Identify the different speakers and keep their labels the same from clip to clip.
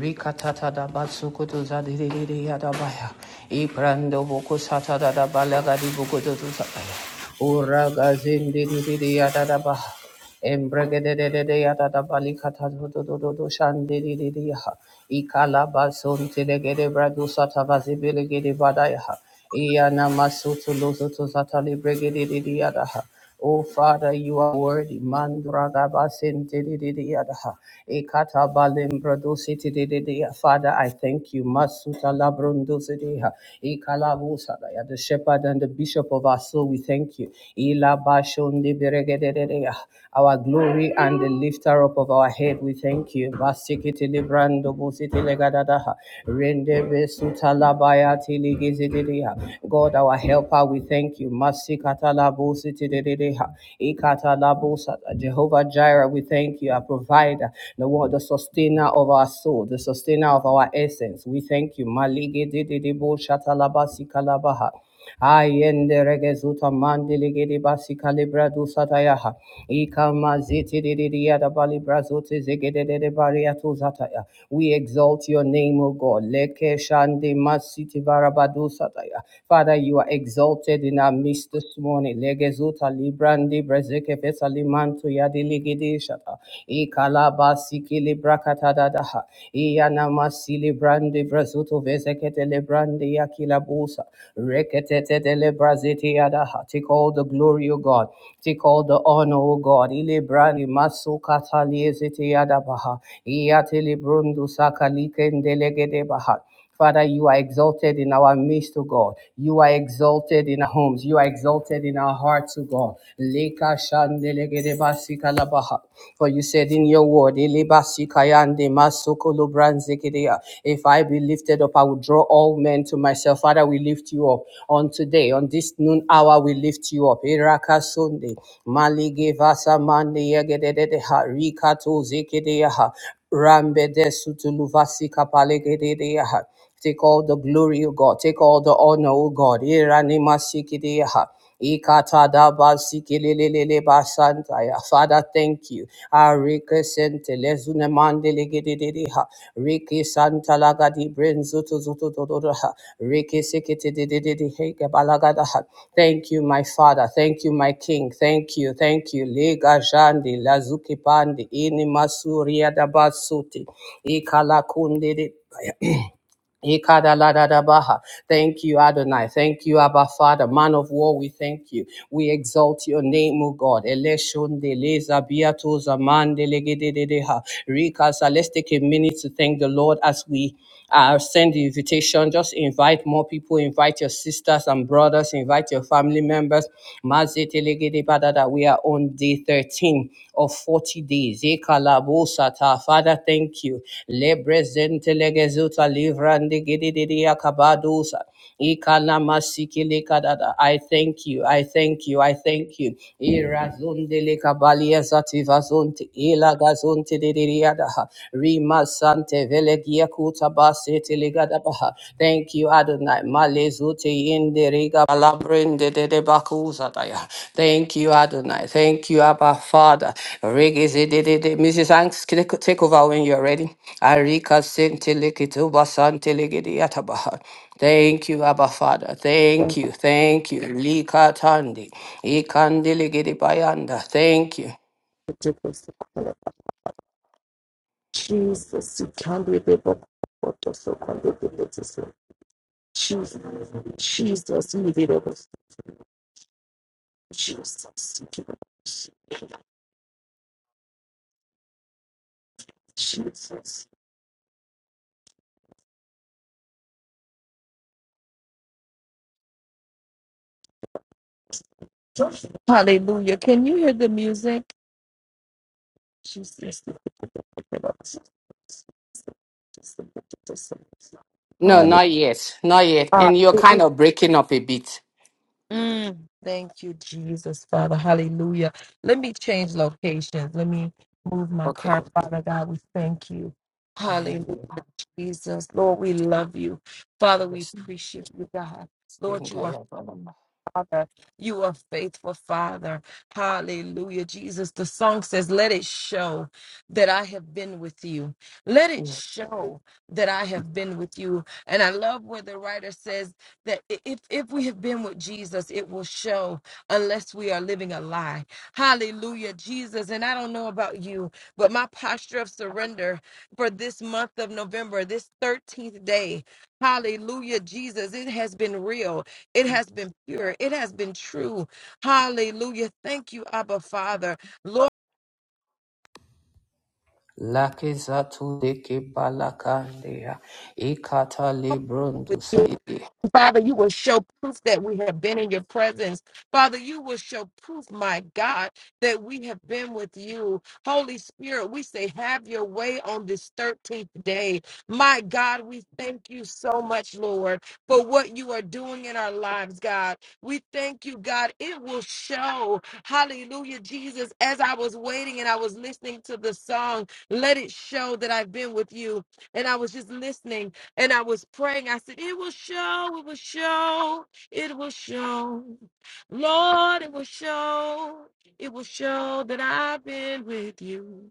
Speaker 1: Rikatata da batsukutu zadidiri yadabaya. Iprando boku satada da balaga di bukutu zabaya. Uraga zindidiri yadadabaha. Embragadadadadadayatatabalikathazotototoshandidididiha. Oh Father, you are worthy. Mandraga basin ha. Ekata balim bradositididia. Father, I thank you. Masuta labrundosidiha. Ekalabusa. The shepherd and the bishop of our soul, we thank you. Ilabashundi beregedededea. Our glory and the lifter up of our head, we thank you. Basikiti librando busiti legadadaha. Rende besuta labayati ligizididea. God, our helper, we thank you. Masikata labusiti dededea. Ikata labusata. Jehovah Jireh, we thank you, our provider, the one, the sustainer of our soul, the sustainer of our essence. We thank you. Maligidididebo shatalabasi kalabaha. Ayende regezuta mandili basi kalibra dusa tayaha. Ika maziti didi diada bali brazuti zigidi didi bariatu zataya. We exalt your name, O God. Leke shandi masiti varabadu sataya. Father, you are exalted in our midst this morning. Legezuta librandi brezeke fesa limantu yadi ligidi shata. Ika labasi kilibra katadadaha. Sili brande brazuto vesekete le brande yakila busa. Reketete de le brazete yadaha. Take all the glory, O God. Take all the honor, O God. Ile brande masu kataliezete yadabaha. Iyatele brundu sakalike ndelegede baha. Father, you are exalted in our midst, O God. You are exalted in our homes. You are exalted in our hearts, O God. Leka shandelegede basika labaha. For you said in your word, "Elebasikayande masokolobranzekedeya." if I be lifted up, I will draw all men to myself. Father, we lift you up on today, on this noon hour, we lift you up. Iraka Sunday, Mali Gevasamande Yegededeha, Rikato Zekedeha, Rambe de Sutuluvasi Kapalegededeha. Take all the glory, O God. Take all the honor, O God. Iranima sikidiha. Ikatadaba sikilelelele basantaya. Father, thank you. Arike sente lezune mandele gededediha. Riki santa lagadi brenzutu zutu dododoha. Riki sikitididididi heke balagadaha. Thank you, my Father. Thank you, my King. Thank you. Thank you. Lega jandi lazuki pandi ini masuria dabasuti. Ikala Ikadaladadabaha. Thank you, Adonai. Thank you, Abba Father. Man of war, we thank you. We exalt your name, O God. Eleshunde leza biatoza mandelegedededeha. Rikas, uh, let's take a minute to thank the Lord as we uh, send the invitation. Just invite more people, invite your sisters and brothers, invite your family members. Mazetelegedebadada. We are on day 13 of 40 days. Ekalabosata. Father, thank you. Lebrezente legezuta livrande gidididi akabadosa. Ikalamasiki lekadada. I thank you. I thank you. I thank you. Irazunde lekabalia zativazunte. Ilagazunte didiriadaha. Sante vele kuta basete ligada baha. Thank you, Adonai. Malezute inderiga palabrinde de de bakuza daya. Thank you, Adonai. Thank you, Abba Father. Regizi de de de. Mrs. Hanks, take take over when you're ready. Arika sente likituba sante ligidi yatabaha. Thank you, Abba Father. Thank you. Thank you. Lika tandi. Ikandiligidi bayanda. Thank you.
Speaker 2: Jesus, Jesus, you can be the book of the so can be the Jesus, Jesus, Jesus, you did it, book. Jesus, Jesus. Hallelujah. Can you hear the music? Jesus, you be the Jesus, you be the
Speaker 1: No,
Speaker 2: Hallelujah.
Speaker 1: not yet. Not yet.
Speaker 2: Ah,
Speaker 1: And you're
Speaker 2: eh, eh.
Speaker 1: kind of breaking up a bit.
Speaker 2: Mm, thank you, Jesus, Father. Hallelujah. Let me change locations. Let me move my
Speaker 1: Okay.
Speaker 2: car, Father God. We thank you.
Speaker 1: Thank
Speaker 2: Hallelujah.
Speaker 1: you.
Speaker 2: Jesus. Lord, we love you. Father, we
Speaker 1: Yes.
Speaker 2: appreciate you, God. Lord, you are
Speaker 1: Indaya Balama.
Speaker 2: Father. You are faithful, Father. Hallelujah. Jesus, the song says, Let it show that I have been with you. Let it show that I have been with you. And I love where the writer says that i- if, if we have been with Jesus, it will show unless we are living a lie. Hallelujah, Jesus. And I don't know about you, but my posture of surrender for this month of November, this 13th day, hallelujah, Jesus, it has been real. It has been pure. It has been true. Hallelujah. Thank you, Abba Father. Lord.
Speaker 1: Laki Zatu Deke Balakandea. Ikata Librundusa.
Speaker 2: Father, you will show proof that we have been in your presence. Father, you will show proof, my God, that we have been with you. Holy Spirit, we say, have your way on this 13th day. My God, we thank you so much, Lord, for what you are doing in our lives, God. We thank you, God. It will show. Hallelujah, Jesus. As I was waiting and I was listening to the song, let it show that I've been with you. And I was just listening and I was praying. I said, It will show, it will show, it will show. Lord, it will show, it will show that I've been with you.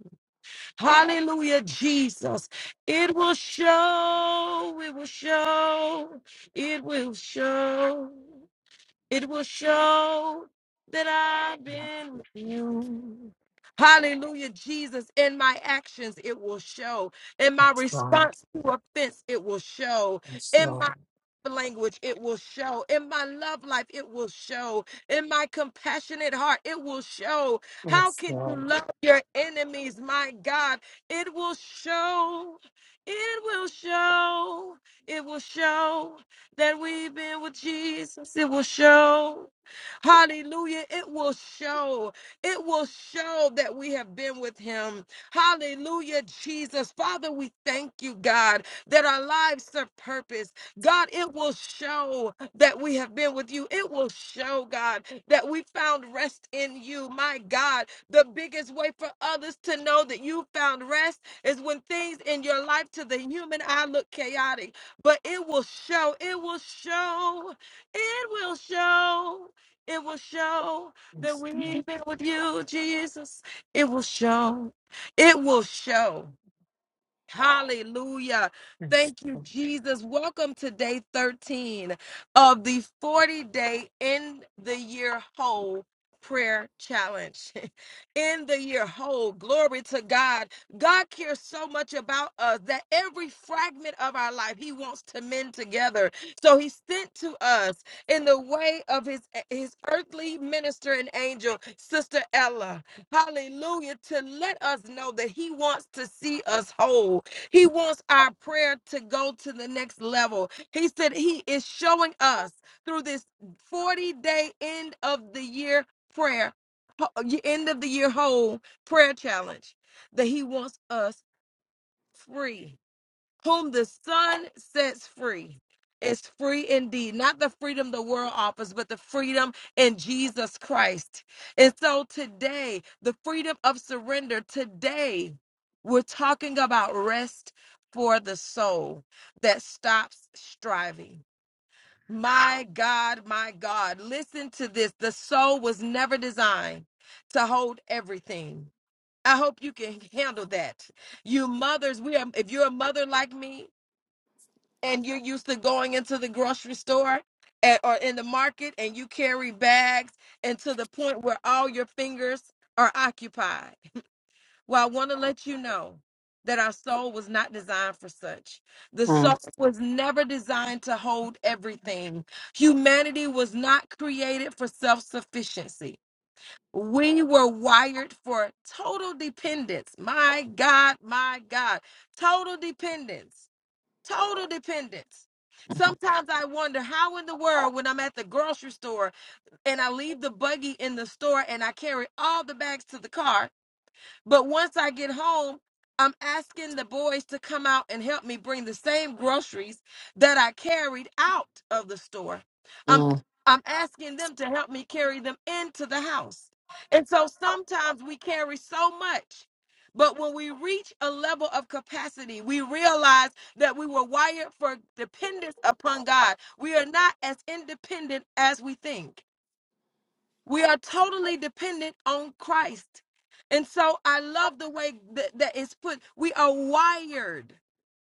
Speaker 2: Hallelujah, Jesus. It will show, it will show, it will show. It will show that I've been with you. Hallelujah, Jesus. In my actions, it will show. In my
Speaker 1: Yes, Lord.
Speaker 2: response to offense, it will show.
Speaker 1: Yes,
Speaker 2: In my
Speaker 1: Lord.
Speaker 2: language, it will show. In my love life, it will show. In my compassionate heart, it will show. How
Speaker 1: Yes,
Speaker 2: can you
Speaker 1: Lord.
Speaker 2: love your enemies, my God? It will show. It will show. It will show that we've been with Jesus, it will show. Hallelujah. It will show. It will show that we have been with him. Hallelujah, Jesus. Father, we thank you, God, that our lives serve purpose. God, it will show that we have been with you. It will show, God, that we found rest in you. My God, the biggest way for others to know that you found rest is when things in your life to the human eye look chaotic but it will show, it will show, it will show, it will show that we've been with you, Jesus. It will show, it will show. Hallelujah. Thank you, Jesus. Welcome to day 13 of the 40 day in the year whole prayer challenge. in the year whole, glory to God. God cares so much about us that every fragment of our life He wants to mend together. So He sent to us in the way of His, his earthly minister and angel, Sister Ella. Hallelujah. To let us know that He wants to see us whole. He wants our prayer to go to the next level. He said He is showing us through this 40 day end of the year prayer, ho- end of the year whole prayer challenge, that He wants us free whom the Son sets free is free indeed. Not the freedom the world offers, but the freedom in Jesus Christ. And so today, the freedom of surrender, today, we're talking about rest for the soul that stops striving. My God, my God, listen to this. The soul was never designed to hold everything. I hope you can handle that. You mothers, we are if you're a mother like me, and you're used to going into the grocery store at, or in the market and you carry bags and to the point where all your fingers are occupied. Well, I want to let you know that our soul was not designed for such. The soul
Speaker 1: Mm,
Speaker 2: was never designed to hold everything. Humanity was not created for self sufficiency. We were wired for total dependence. My God, my God, total dependence Total dependence.
Speaker 1: mm,
Speaker 2: Sometimes I wonder how in the world, when I'm at the grocery store and I leave the buggy in the store and I carry all the bags to the car, but once I get home, I'm asking the boys to come out and help me bring the same groceries that I carried out of the store. I'm
Speaker 1: mm.
Speaker 2: I'm asking them to help me carry them into the house. And so sometimes we carry so much. But when we reach a level of capacity, we realize that we were wired for dependence upon God. We are not as independent as we think. We are totally dependent on Christ. And so I love the way that, that it's put. We are wired.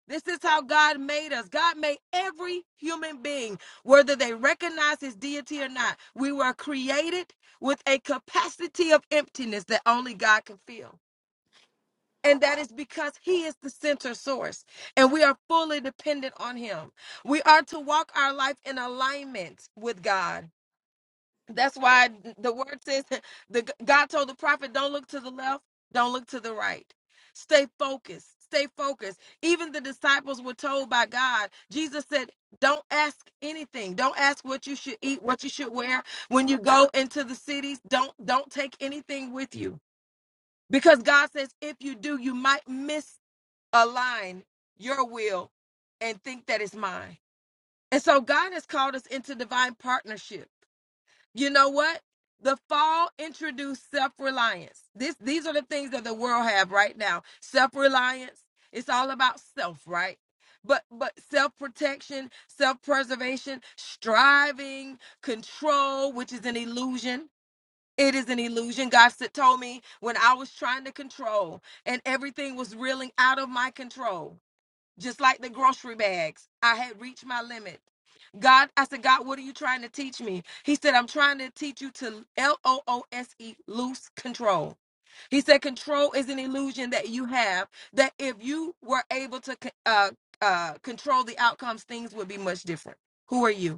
Speaker 2: This is how God made us. God made every human being, whether they recognize his deity or not. We were created with a capacity of emptiness that only God can fill. And that is because he is the center source, and we are fully dependent on him. We are to walk our life in alignment with God that's why the word says the God told the prophet, don't look to the left, don't look to the right. Stay focused. Stay focused. Even the disciples were told by God, Jesus said, don't ask anything. Don't ask what you should eat, what you should wear. When you go into the cities, don't don't take anything with you. Because God says if you do, you might misalign your will and think that it's mine. And so God has called us into divine partnership. You know what? The fall introduced self-reliance. This these are the things that the world have right now. Self-reliance. It's all about self, right? But but self-protection, self-preservation, striving, control, which is an illusion. It is an illusion. God said, told me when I was trying to control and everything was reeling out of my control just like the grocery bags. I had reached my limit. God, I said, God, what are you trying to teach me? He said, I'm trying to teach you to L O O S E, loose control. He said, control is an illusion that you have, that if you were able to co- uh, uh, control the outcomes, things would be much different. Who are you?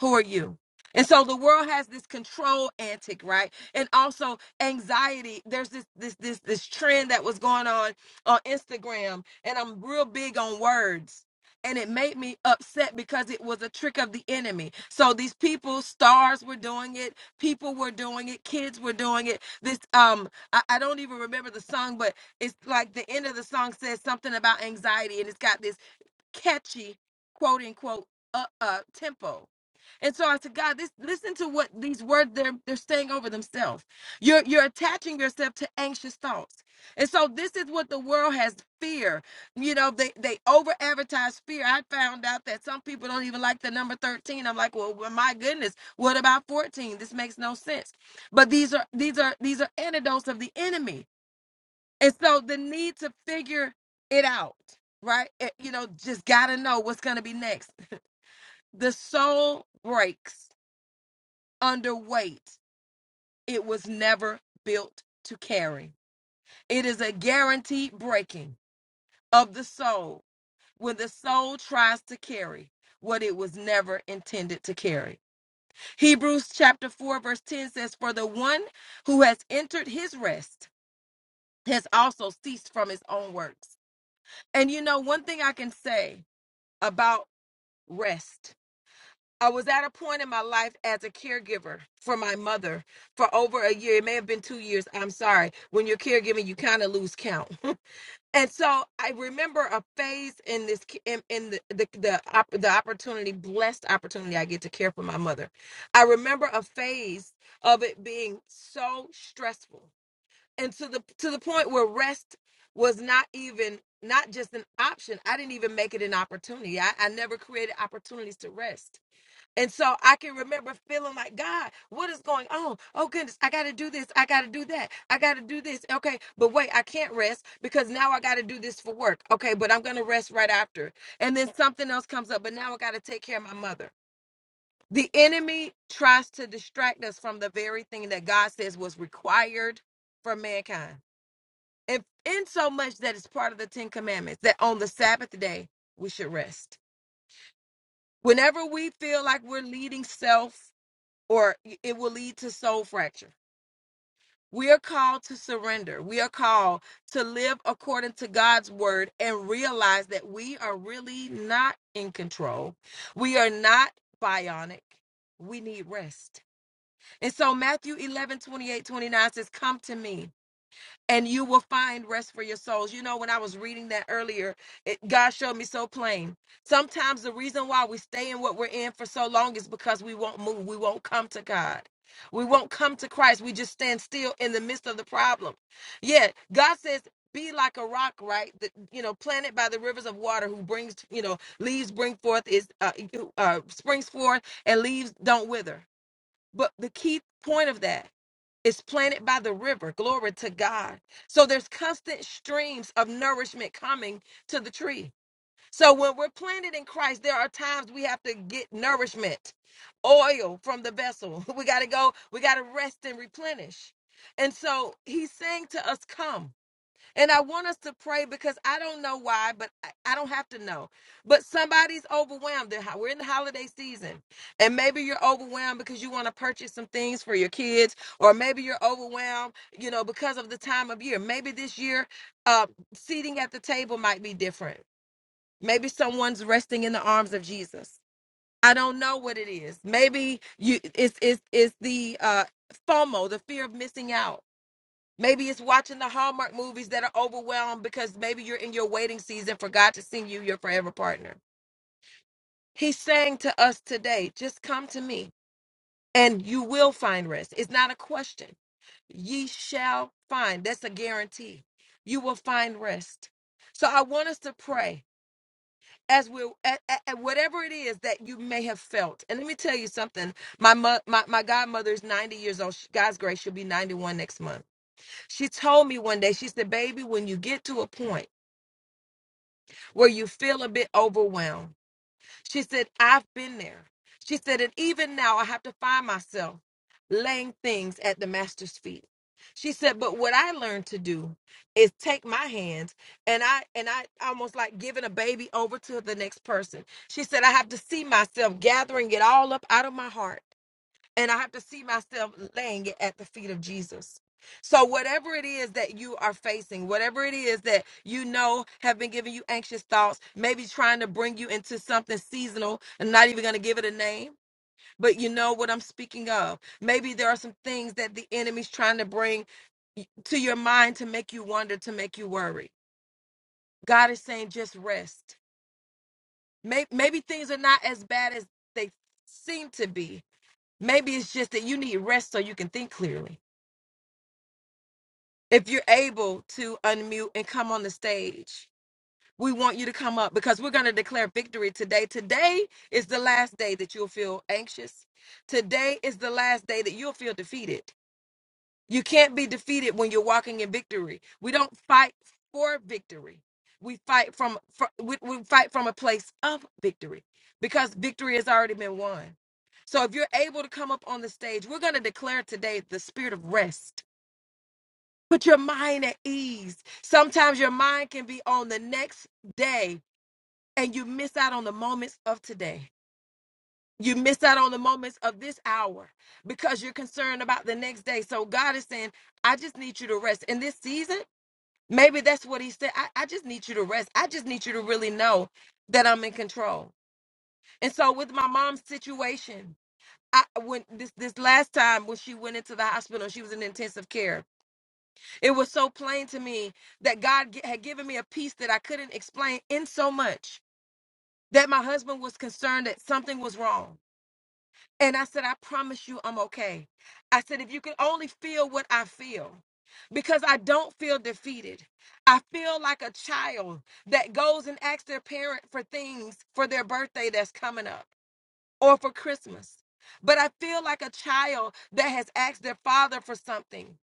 Speaker 2: Who are you? And so the world has this control antic, right? And also anxiety. There's this this this this trend that was going on on Instagram, and I'm real big on words. And it made me upset because it was a trick of the enemy. So these people, stars were doing it, people were doing it, kids were doing it. This um, I, I don't even remember the song, but it's like the end of the song says something about anxiety, and it's got this catchy quote unquote uh, uh tempo. And so I said, God, this listen to what these words they're they're saying over themselves. You're you're attaching yourself to anxious thoughts. And so this is what the world has fear. You know, they they over advertise fear. I found out that some people don't even like the number 13. I'm like, well, well, my goodness, what about 14? This makes no sense. But these are these are these are antidotes of the enemy. And so the need to figure it out, right? It- you know, just got to know what's going to be next. The soul breaks under weight it was never built to carry. It is a guaranteed breaking of the soul when the soul tries to carry what it was never intended to carry. Hebrews chapter 4 verse 10 says for the one who has entered his rest has also ceased from his own works. And you know one thing I can say about rest. I was at a point in my life as a caregiver for my mother for over a year. It may have been two years. I'm sorry. When you're caregiving, you kind of lose count. And so I remember a phase in this in, in the the the, op- the opportunity, blessed opportunity I get to care for my mother. I remember a phase of it being so stressful, and to the to the point where rest was not even not just an option. I didn't even make it an opportunity. I, I never created opportunities to rest. And so I can remember feeling like, God, what is going on? Oh, goodness, I got to do this. I got to do that. I got to do this. Okay, but wait, I can't rest because now I got to do this for work. Okay, but I'm going to rest right after. And then something else comes up, but now I got to take care of my mother. The enemy tries to distract us from the very thing that God says was required from mankind. And in so much that it's part of the Ten Commandments that on the Sabbath day, we should rest. Whenever we feel like we're leading self, or it will lead to soul fracture. We are called to surrender. We are called to live according to God's word and realize that we are really not in control. We are not bionic. We need rest. And so Matthew 11, twenty-eight, 29 says, Come to me and you will find rest for your souls. You know, when I was reading that earlier, it, God showed me so plain. Sometimes the reason why we stay in what we're in for so long is because we won't move, we won't come to God. We won't come to Christ. We just stand still in the midst of the problem. Yet God says, be like a rock, right? That, you know, planted by the rivers of water, who brings, you know, leaves bring forth is uh, uh, springs forth, and leaves don't wither. But the key point of that is planted by the river. Glory to God. So there's constant streams of nourishment coming to the tree. So when we're planted in Christ, there are times we have to get nourishment, oil from the vessel. We got to go, we got to rest and replenish. And so he's saying to us, Come. And I want us to pray because I don't know why, but I I don't have to know. But somebody's overwhelmed. They're ho- We're in the holiday season, and maybe you're overwhelmed because you want to purchase some things for your kids, or maybe you're overwhelmed, you know, because of the time of year. Maybe this year, uh, seating at the table might be different. Maybe someone's resting in the arms of Jesus. I don't know what it is. Maybe you it's it's, it's the uh, FOMO, the fear of missing out Maybe it's watching the Hallmark movies that are overwhelmed because maybe you're in your waiting season for God to send you your forever partner. He's saying to us today, just come to me and you will find rest. It's not a question. Ye shall find. That's a guarantee. You will find rest. So I want us to pray as we at, at, at whatever it is that you may have felt. And let me tell you something. My mo- my my godmother is 90 years old. She- God's grace, she'll be 91 next month She told me one day, she said, Baby, when you get to a point where you feel a bit overwhelmed, she said, I've been there. She said, And even now, I have to find myself laying things at the master's feet. She said, but what I learned to do is take my hands and I and I almost like giving a baby over to the next person. She said, I have to see myself gathering it all up out of my heart and I have to see myself laying it at the feet of Jesus. So whatever it is that you are facing, whatever it is that you know have been giving you anxious thoughts, maybe trying to bring you into something seasonal, I'm not even going to give it a name, but you know what I'm speaking of. Maybe there are some things that the enemy's trying to bring to your mind to make you wonder, to make you worry. God is saying just rest. May- Maybe things are not as bad as they seem to be. Maybe it's just that you need rest so you can think clearly. if you're able to unmute and come on the stage, we want you to come up because we're going to declare victory today. Today is the last day that you'll feel anxious. Today is the last day that you'll feel defeated. You can't be defeated when you're walking in victory. We don't fight for victory. We fight from, fr- we, we fight from a place of victory because victory has already been won. So if you're able to come up on the stage, we're going to declare today the spirit of rest Put your mind at ease. Sometimes your mind can be on the next day and you miss out on the moments of today. You miss out on the moments of this hour because you're concerned about the next day. So God is saying, I just need you to rest. In this season, maybe that's what He said. I, I just need you to rest. I just need you to really know that I'm in control. And so with my mom's situation, I when this this last time when she went into the hospital, she was in intensive care It was so plain to me that God gi- had given me a peace that I couldn't explain in so much that my husband was concerned that something was wrong. And I said, I promise you I'm okay. I said, if you could only feel what I feel, because I don't feel defeated. I feel like a child that goes and asks their parent for things for their birthday that's coming up or for Christmas. But I feel like a child that has asked their father for something.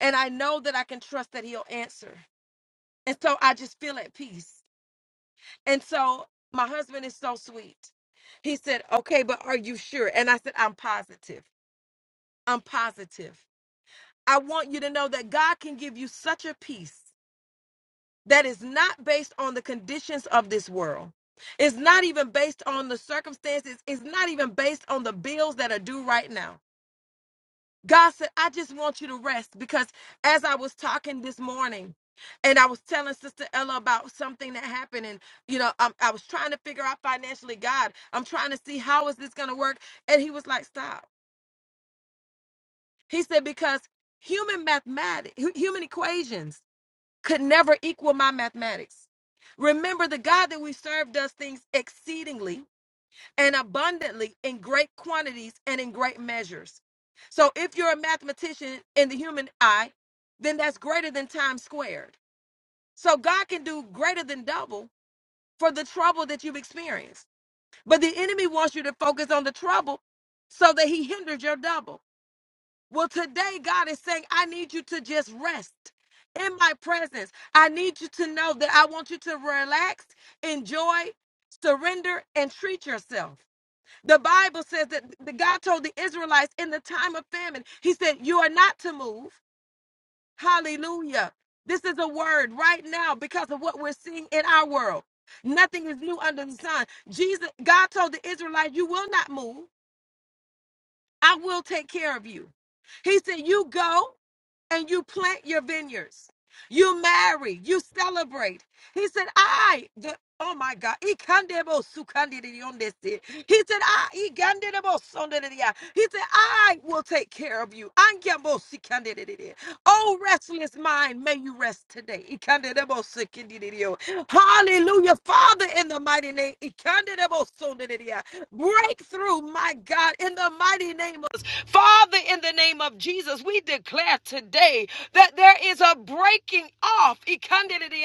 Speaker 2: And I know that I can trust that he'll answer. And so I just feel at peace. And so my husband is so sweet. He said, Okay, but are you sure? And I said, I'm positive. I'm positive. I want you to know that God can give you such a peace that is not based on the conditions of this world. It's not even based on the circumstances. It's not even based on the bills that are due right now God said, I just want you to rest because as I was talking this morning, and I was telling Sister Ella about something that happened, and you know, i I was trying to figure out financially, God, I'm trying to see how is this going to work, and He was like, "Stop." He said, "Because human mathematics, human equations could never equal my mathematics. Remember, the God that we serve does things exceedingly." and abundantly in great quantities and in great measures. So if you're a mathematician in the human eye, then that's greater than times squared. So God can do greater than double for the trouble that you've experienced. But the enemy wants you to focus on the trouble so that he hinders your double. Well, today God is saying, I need you to just rest in my presence. I need you to know that I want you to relax, enjoy, surrender, and treat yourself. The Bible says that the God told the Israelites in the time of famine, He said, You are not to move. Hallelujah. This is a word right now because of what we're seeing in our world. Nothing is new under the sun. Jesus, God told the Israelites, You will not move. I will take care of you. He said, You go and you plant your vineyards. You marry, you celebrate. He said, I, the, oh my God. Ikandebo sukandidiyondesi. He said, I, ikandidebo sondediya. he said, I will take care of you. Angyambo sikandididiya. Oh, restless mind, may you rest today. Ikandidebo sikandididiyo. Hallelujah. Father, in the mighty name, ikandidebo sondediya. breakthrough, my God, in the mighty name of Father, in the name of Jesus, we declare today that there is a breaking off ikandididi,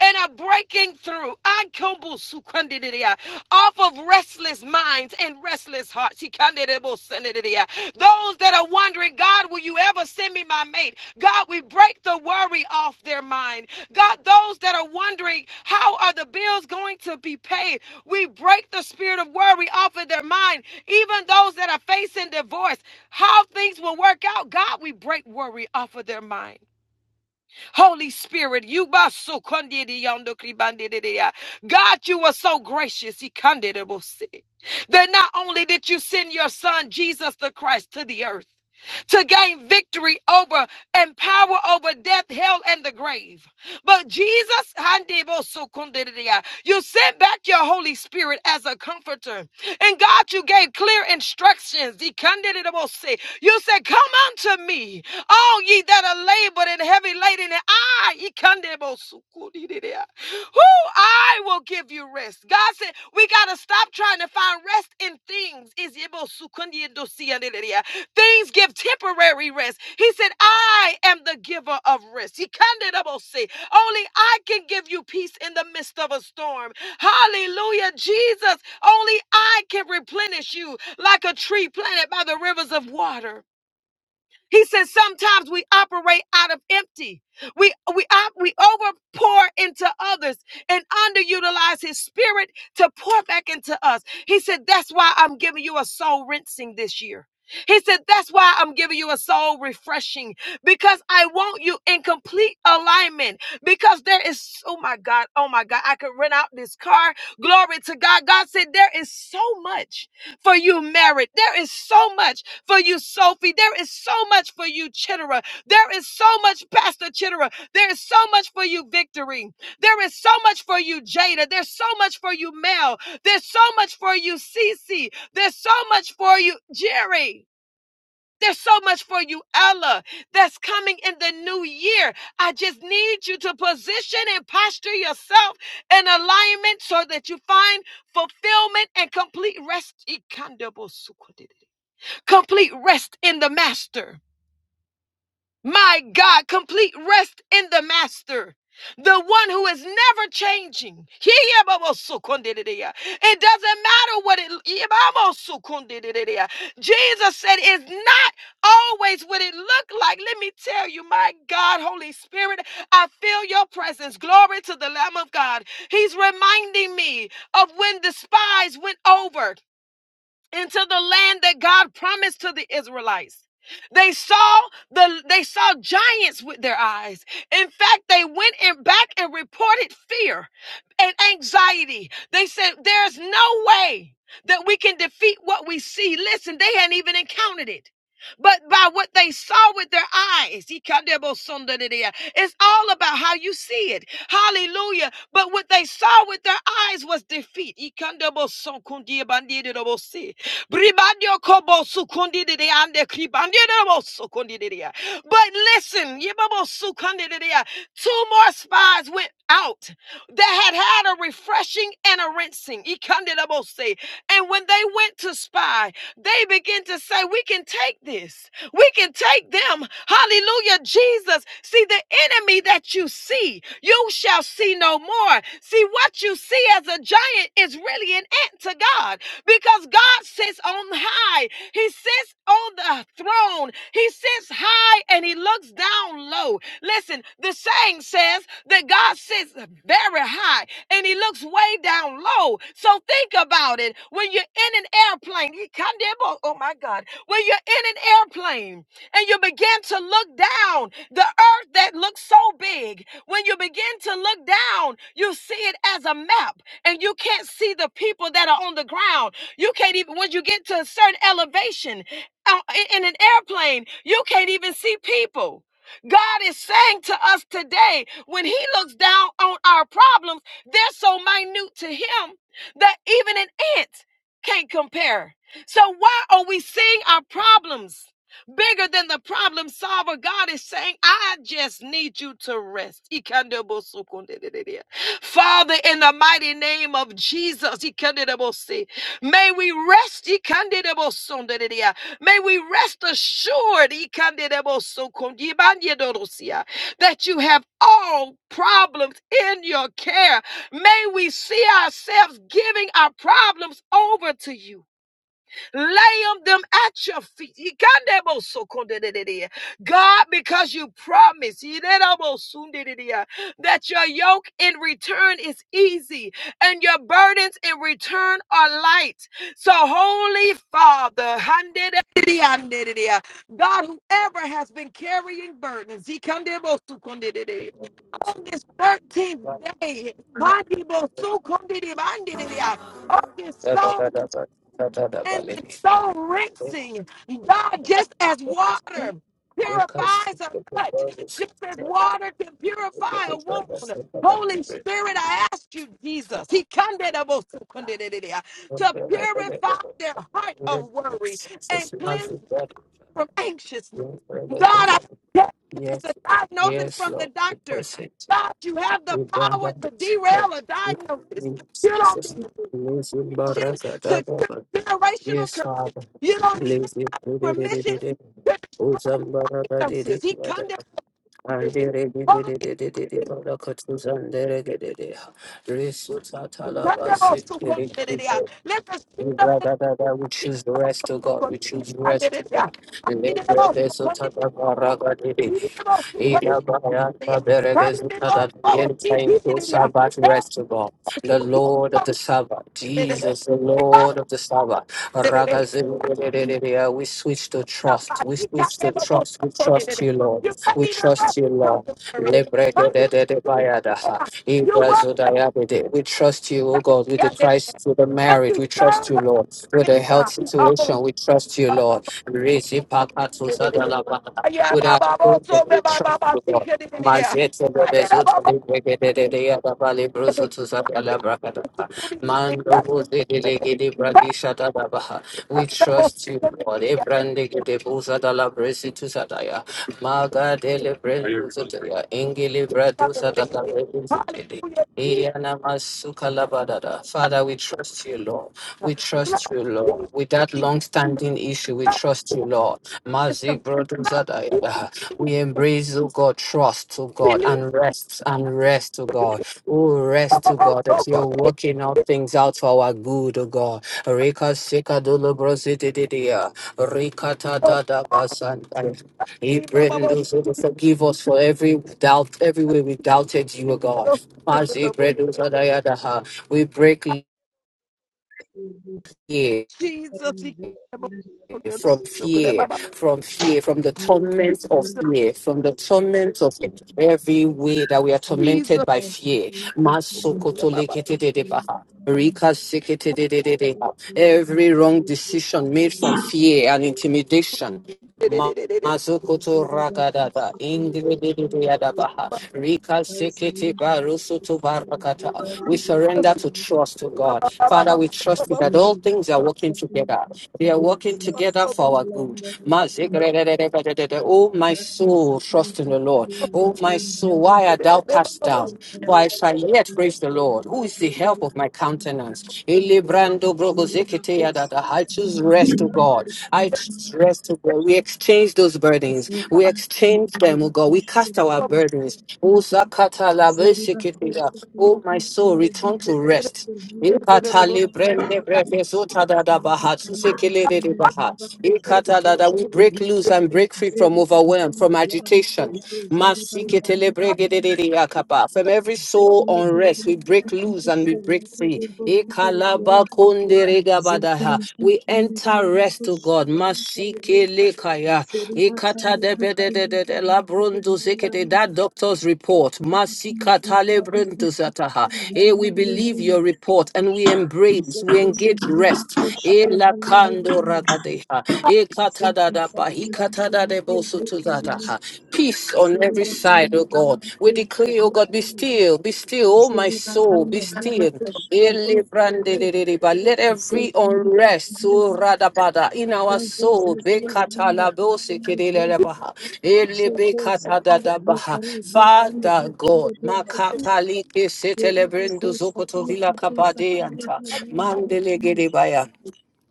Speaker 2: and a breaking through akobusukwandididi, off of restless minds and restless hearts. Ikandidibosendididi. Those that are wondering, God, will you ever send me my mate? God, we break the worry off their mind. God, those that are wondering, how are the bills going to be paid? We break the spirit of worry off of their mind even those that are facing divorce, how things will work out. God, we break worry off of their mind. Holy Spirit, you basukondidiondokribandididia. God, you are so gracious. Ikandidibusi. That not only did you send your son, Jesus the Christ, to the earth, to gain victory over and power over death, hell, and the grave. But Jesus, you sent back your Holy Spirit as a comforter. And God, you gave clear instructions. You said, Come unto me, all ye that are labored and heavy laden, and I, who I will give you rest. God said, we got to stop trying to find rest in things. Things give temporary rest. He said, I am the giver of rest. He kinda say, Only I can give you peace in the midst of a storm. Hallelujah, Jesus. Only I can replenish you like a tree planted by the rivers of water. He says sometimes we operate out of empty. We we op- we overpour into others and underutilize his spirit to pour back into us. He said that's why I'm giving you a soul rinsing this year. He said that's why I'm giving you a soul refreshing because I want you in complete alignment because there is oh my God, oh my God, I could rent out this car. Glory to God. God said there is so much for you married. There is so much for you, Sophie. There is so much for you, Chittera. There is so much, Pastor Chittera. There is so much for you, Victory. There is so much for you, Jada. There's so much for you, Mel. There's so much for you, Cece. There's so much for you, Jerry. There's so much for you, Ella, that's coming in the new year. I just need you to position and posture yourself in alignment so that you find fulfillment and complete rest complete rest in the master. My God, complete rest in the master. The one who is never changing. It doesn't matter what it Jesus said it's not always what it looked like. Let me tell you, my God, Holy Spirit, I feel your presence. Glory to the Lamb of God. He's reminding me of when the spies went over into the land that God promised to the Israelites. They saw the they saw giants with their eyes. In fact, they went in back and reported fear and anxiety. They said, There's no way that we can defeat what we see. Listen, they hadn't even encountered it. But by what they saw with their eyes, it's all about how you see it. Hallelujah. But what they saw with their eyes was defeat. Bribandio kobo sukundi de ande kribandio de bo sukundi de dea. But listen, yibabo sukundi de dea. two more spies went out that had had a refreshing and a rinsing. Ikande de And when they went to spy, they began to say, We can take this. We can take them. Hallelujah, Jesus. See, the enemy that you see, you shall see no more. See, what you see as a giant is really an ant to God because God sits on high. He sits on the throne. He sits high and he looks down low. Listen, the saying says that God sits very high and he looks way down low. So think about it. When you're in an airplane, he kind of, oh my God, when you're in an airplane and you begin to look down, the earth that looks so big, when you begin to look down, you see it as a map and you can't see the people that are on the ground you can't even, once you get to a certain elevation uh, in an airplane, you can't even see people. God is saying to us today, when He looks down on our problems, they're so minute to Him that even an ant can't compare. So, why are we seeing our problems bigger than the problem solver? God is saying, I just need you to rest. Father, in the mighty name of Jesus, May we rest. ikandidabosondadidia. May we rest assured ikandidabosokondibanyedodosia, that you have all problems in your care. May we see ourselves giving our problems over to you laying them at your feet. God, because you promised that your yoke in return is easy and your burdens in return are light. So, Holy Father, God, whoever has been carrying burdens, on this 13th day, on this
Speaker 1: Da, da,
Speaker 2: soul
Speaker 1: da, da, da, da, da, da,
Speaker 2: and
Speaker 1: vale.
Speaker 2: the soul rinsing. God, just as water
Speaker 1: Because
Speaker 2: purifies a cut, just as water can purify a wound. Holy Spirit, I ask you, Jesus, He to purify their heart of worry and
Speaker 1: Jesus loves
Speaker 2: cleanse
Speaker 1: the
Speaker 2: them
Speaker 1: God.
Speaker 2: from anxiousness.
Speaker 1: Yes,
Speaker 2: God, I
Speaker 1: Lord.
Speaker 2: thank you for the
Speaker 1: Yes, Lord.
Speaker 2: diagnosis
Speaker 1: Yes,
Speaker 2: from the doctor.
Speaker 1: Lord.
Speaker 2: God, you have the
Speaker 1: We bring
Speaker 2: power
Speaker 1: up the
Speaker 2: to derail a
Speaker 1: support. We
Speaker 2: diagnosis.
Speaker 1: bring up
Speaker 2: You don't
Speaker 1: success. Yes, we bring up the
Speaker 2: to
Speaker 1: support.
Speaker 2: generational
Speaker 1: Yes,
Speaker 2: curses.
Speaker 1: Father.
Speaker 2: You don't need
Speaker 1: Yes, we
Speaker 2: anybody's
Speaker 1: bring up the
Speaker 2: permission
Speaker 1: support.
Speaker 2: to
Speaker 1: Uzam
Speaker 2: be
Speaker 1: baraka didi
Speaker 2: curses. He
Speaker 1: yada.
Speaker 2: condemned it.
Speaker 1: Andere didi
Speaker 2: Holy
Speaker 1: didi didi didi baraka tuzan dere gede de. Resu tatala
Speaker 2: curse
Speaker 1: basi
Speaker 2: to
Speaker 1: didi
Speaker 2: condemn
Speaker 1: didi.
Speaker 2: it. Yeah.
Speaker 1: bo.
Speaker 2: Let the
Speaker 1: We
Speaker 2: spirit
Speaker 1: bring
Speaker 2: of
Speaker 1: up the support. We choose the rest to God.
Speaker 2: God
Speaker 1: We choose the rest
Speaker 2: condemn
Speaker 1: to
Speaker 2: it. Yeah.
Speaker 1: God. And
Speaker 2: He
Speaker 1: then we
Speaker 2: did it
Speaker 1: bring up
Speaker 2: all.
Speaker 1: the
Speaker 2: Condemn
Speaker 1: support.
Speaker 2: it. He did it all. Condemn
Speaker 1: Thankful
Speaker 2: it. Yeah. Condemn it all. Oh, He he did it. Yeah.
Speaker 1: Sabbath
Speaker 2: Oh,
Speaker 1: rest of all.
Speaker 2: so
Speaker 1: The
Speaker 2: condemn it.
Speaker 1: Lord of
Speaker 2: all.
Speaker 1: the Sabbath,
Speaker 2: He condemned
Speaker 1: Jesus, the
Speaker 2: it. all.
Speaker 1: Lord of the Sabbath. Ragazin- We switch to trust.
Speaker 2: Somebody
Speaker 1: We
Speaker 2: he
Speaker 1: switch to
Speaker 2: condemned it. Oh,
Speaker 1: trust. We
Speaker 2: so condemn
Speaker 1: trust
Speaker 2: it.
Speaker 1: you, Lord.
Speaker 2: You can't
Speaker 1: We
Speaker 2: even rest
Speaker 1: trust you,
Speaker 2: because
Speaker 1: Lord.
Speaker 2: you're worried. Condemn
Speaker 1: Lebregededededbayadaha.
Speaker 2: it. You worry.
Speaker 1: Ibrazudayabede. We trust you, O God,
Speaker 2: because
Speaker 1: with
Speaker 2: you
Speaker 1: the
Speaker 2: did it.
Speaker 1: Christ, with the
Speaker 2: But
Speaker 1: marriage.
Speaker 2: to
Speaker 1: We trust
Speaker 2: serve
Speaker 1: you,
Speaker 2: a
Speaker 1: Lord. With
Speaker 2: great
Speaker 1: the health
Speaker 2: God. Abo-
Speaker 1: situation, we trust you,
Speaker 2: ba- ba-
Speaker 1: Lord.
Speaker 2: ba- si- di- di- di- di.
Speaker 1: Rizipakatusadalabada.
Speaker 2: Yeah,
Speaker 1: With our
Speaker 2: ba- ba- ba- so- ba- ba- ba-
Speaker 1: Trust
Speaker 2: ba-
Speaker 1: the
Speaker 2: si- di-
Speaker 1: Lord.
Speaker 2: di- di- di. Yeah,
Speaker 1: Mazete de
Speaker 2: di- da-
Speaker 1: bezuto
Speaker 2: ba- ba-
Speaker 1: de breke de
Speaker 2: ba-
Speaker 1: de
Speaker 2: di-
Speaker 1: de yada bali
Speaker 2: di-
Speaker 1: bruzo
Speaker 2: di.
Speaker 1: to sabala
Speaker 2: Yeah,
Speaker 1: brakata.
Speaker 2: si- di- di- di- di.
Speaker 1: Mando
Speaker 2: Yeah,
Speaker 1: buzi de
Speaker 2: di-
Speaker 1: lege de braki shata babaha.
Speaker 2: da-
Speaker 1: We
Speaker 2: ba- ba- ba-
Speaker 1: trust
Speaker 2: si-
Speaker 1: you,
Speaker 2: di- di-
Speaker 1: Lord.
Speaker 2: di. Yeah,
Speaker 1: Ebrande de buza da la bresi to sadaya. Maga de le brezu to ya. Ingili
Speaker 2: ba- di-
Speaker 1: bradusa da
Speaker 2: di- di-
Speaker 1: la
Speaker 2: di.
Speaker 1: brezu to de.
Speaker 2: Hallelujah.
Speaker 1: Iyana masuka la badada. Father, we trust you, Lord. We trust you, Lord. With that
Speaker 2: Jesus,
Speaker 1: long-standing issue, we trust you, Lord. Mazi
Speaker 2: love you, Jesus. Love you,
Speaker 1: brothers we
Speaker 2: Jesus.
Speaker 1: embrace, oh God, trust, oh God,
Speaker 2: Believe.
Speaker 1: and rest, and rest, oh God. Oh,
Speaker 2: Ba-
Speaker 1: rest,
Speaker 2: ba-
Speaker 1: oh
Speaker 2: ba-
Speaker 1: God, that
Speaker 2: so- so-
Speaker 1: you're
Speaker 2: di- di-
Speaker 1: working all things out for our good, oh God. Rika sika dolo brositidia. Rika ta da da basandai. He
Speaker 2: di. Ba- ba- ba-
Speaker 1: Brendan, so to forgive us for every doubt, every way we doubted you,
Speaker 2: si- di- di-
Speaker 1: oh
Speaker 2: di. Ba-
Speaker 1: God. As
Speaker 2: ba-
Speaker 1: he
Speaker 2: ba- ba-
Speaker 1: Brendan,
Speaker 2: ba.
Speaker 1: so da ya da ha. We break.
Speaker 3: Zero
Speaker 2: Jesus, he- ba- ba- ba- ba-
Speaker 1: from
Speaker 2: ba- ba- ba-
Speaker 1: fear,
Speaker 2: ba- ba.
Speaker 1: from fear, from the torment of fear, from the torment of every way that we are
Speaker 2: Jesus.
Speaker 1: tormented
Speaker 2: ba-
Speaker 1: by fear.
Speaker 2: ba- ba-
Speaker 1: Masokotoleketededebaha. Rikaseketededededeha. Every wrong decision made from fear and intimidation.
Speaker 2: di- di-
Speaker 1: Ma-
Speaker 2: di- di- di- di.
Speaker 1: Mazokoto ragadada ingridididiadabaha. Rika sekete barusoto barakata. We
Speaker 2: Yes,
Speaker 1: surrender to trust to God. Father, we trust you that all things are working together. They are working together for our good. Oh, my
Speaker 3: Saka
Speaker 1: soul, trust in
Speaker 3: Sakura
Speaker 1: the Lord. Oh, my
Speaker 3: Karolikarya
Speaker 1: soul, why art thou cast down? For I shall yet praise the
Speaker 3: Sekayakashkula
Speaker 1: Lord, who is the help
Speaker 3: Karolikarya
Speaker 1: of my countenance. Elebrando brobozekete yadada. I choose rest to God. I choose rest to God. We exchange those burdens. We exchange them, oh God. We cast our burdens. Oh, zakata
Speaker 3: Zeriba
Speaker 1: labesekete ya. Oh, my soul, return to rest. Ikata librende brefe zuta da da baha, tusekele de de baha. Ikata da da, We break loose and break free from overwhelm, from agitation. Masikete lebrege de de de yakapa. From every soul
Speaker 3: Zekele
Speaker 1: unrest,
Speaker 3: ikele
Speaker 1: we break
Speaker 3: dara
Speaker 1: loose and we
Speaker 3: kushe
Speaker 1: break
Speaker 3: leke
Speaker 1: free.
Speaker 3: doko loko
Speaker 1: Ikala
Speaker 3: rekela.
Speaker 1: bakonde rega badaha.
Speaker 3: Zekele
Speaker 1: We
Speaker 3: ikele
Speaker 1: enter
Speaker 3: dara
Speaker 1: rest to
Speaker 3: kushe
Speaker 1: God
Speaker 3: leke rele.
Speaker 1: lekaya.
Speaker 3: Zeriha
Speaker 1: Ikata
Speaker 3: kale
Speaker 1: de be de de
Speaker 3: ikele
Speaker 1: de de la
Speaker 3: dara
Speaker 1: brundu
Speaker 3: rekela
Speaker 1: zikete.
Speaker 3: ni.
Speaker 1: That doctor's report.
Speaker 3: Rakhi ikele
Speaker 1: Masikata
Speaker 3: ikha
Speaker 1: le brundu
Speaker 3: ikele
Speaker 1: zataha. Eh,
Speaker 3: lala
Speaker 1: we
Speaker 3: yere
Speaker 1: believe
Speaker 3: rele.
Speaker 1: your report and we embrace, we
Speaker 3: Zekele
Speaker 1: engage
Speaker 3: dara
Speaker 1: rest. Eh,
Speaker 3: kushe
Speaker 1: la
Speaker 3: lala yere
Speaker 1: kando
Speaker 3: rele.
Speaker 1: ragadeha. Eh, kata da
Speaker 3: Zekele
Speaker 1: da ba.
Speaker 3: sakile
Speaker 1: Ikata da
Speaker 3: ikele
Speaker 1: de bo
Speaker 3: ikele
Speaker 1: sutu
Speaker 3: rele.
Speaker 1: zataha. Peace on every
Speaker 3: Zeriha kale
Speaker 1: side, oh
Speaker 3: ikele
Speaker 1: God. We
Speaker 3: kushe
Speaker 1: declare, oh God,
Speaker 3: leke
Speaker 1: be
Speaker 3: rele.
Speaker 1: still, be still, oh my
Speaker 3: Zeriha
Speaker 1: soul,
Speaker 3: kale
Speaker 1: be
Speaker 3: dara
Speaker 1: still.
Speaker 3: kushe leke
Speaker 1: Ele brande
Speaker 3: rele.
Speaker 1: de de de ba. Let every
Speaker 3: Sekende
Speaker 1: unrest,
Speaker 3: kukunda
Speaker 1: oh
Speaker 3: nyanza
Speaker 1: radabada, in our
Speaker 3: kazo
Speaker 1: soul,
Speaker 3: zazi
Speaker 1: be
Speaker 3: ya banda
Speaker 1: katalabo
Speaker 3: ikende bere
Speaker 1: sekedelebaha. Ele be
Speaker 3: zeko sakindi
Speaker 1: katadadabaha.
Speaker 3: lipari zekende
Speaker 1: Father
Speaker 3: ikende
Speaker 1: God,
Speaker 3: bere
Speaker 1: makatalike
Speaker 3: seribu
Speaker 1: setelebrendo
Speaker 3: kosa kila
Speaker 1: zokotovila
Speaker 3: pakosa
Speaker 1: kabade
Speaker 3: karifu
Speaker 1: anta.
Speaker 3: rani
Speaker 1: Mandele
Speaker 3: nyamush
Speaker 1: gedebaya.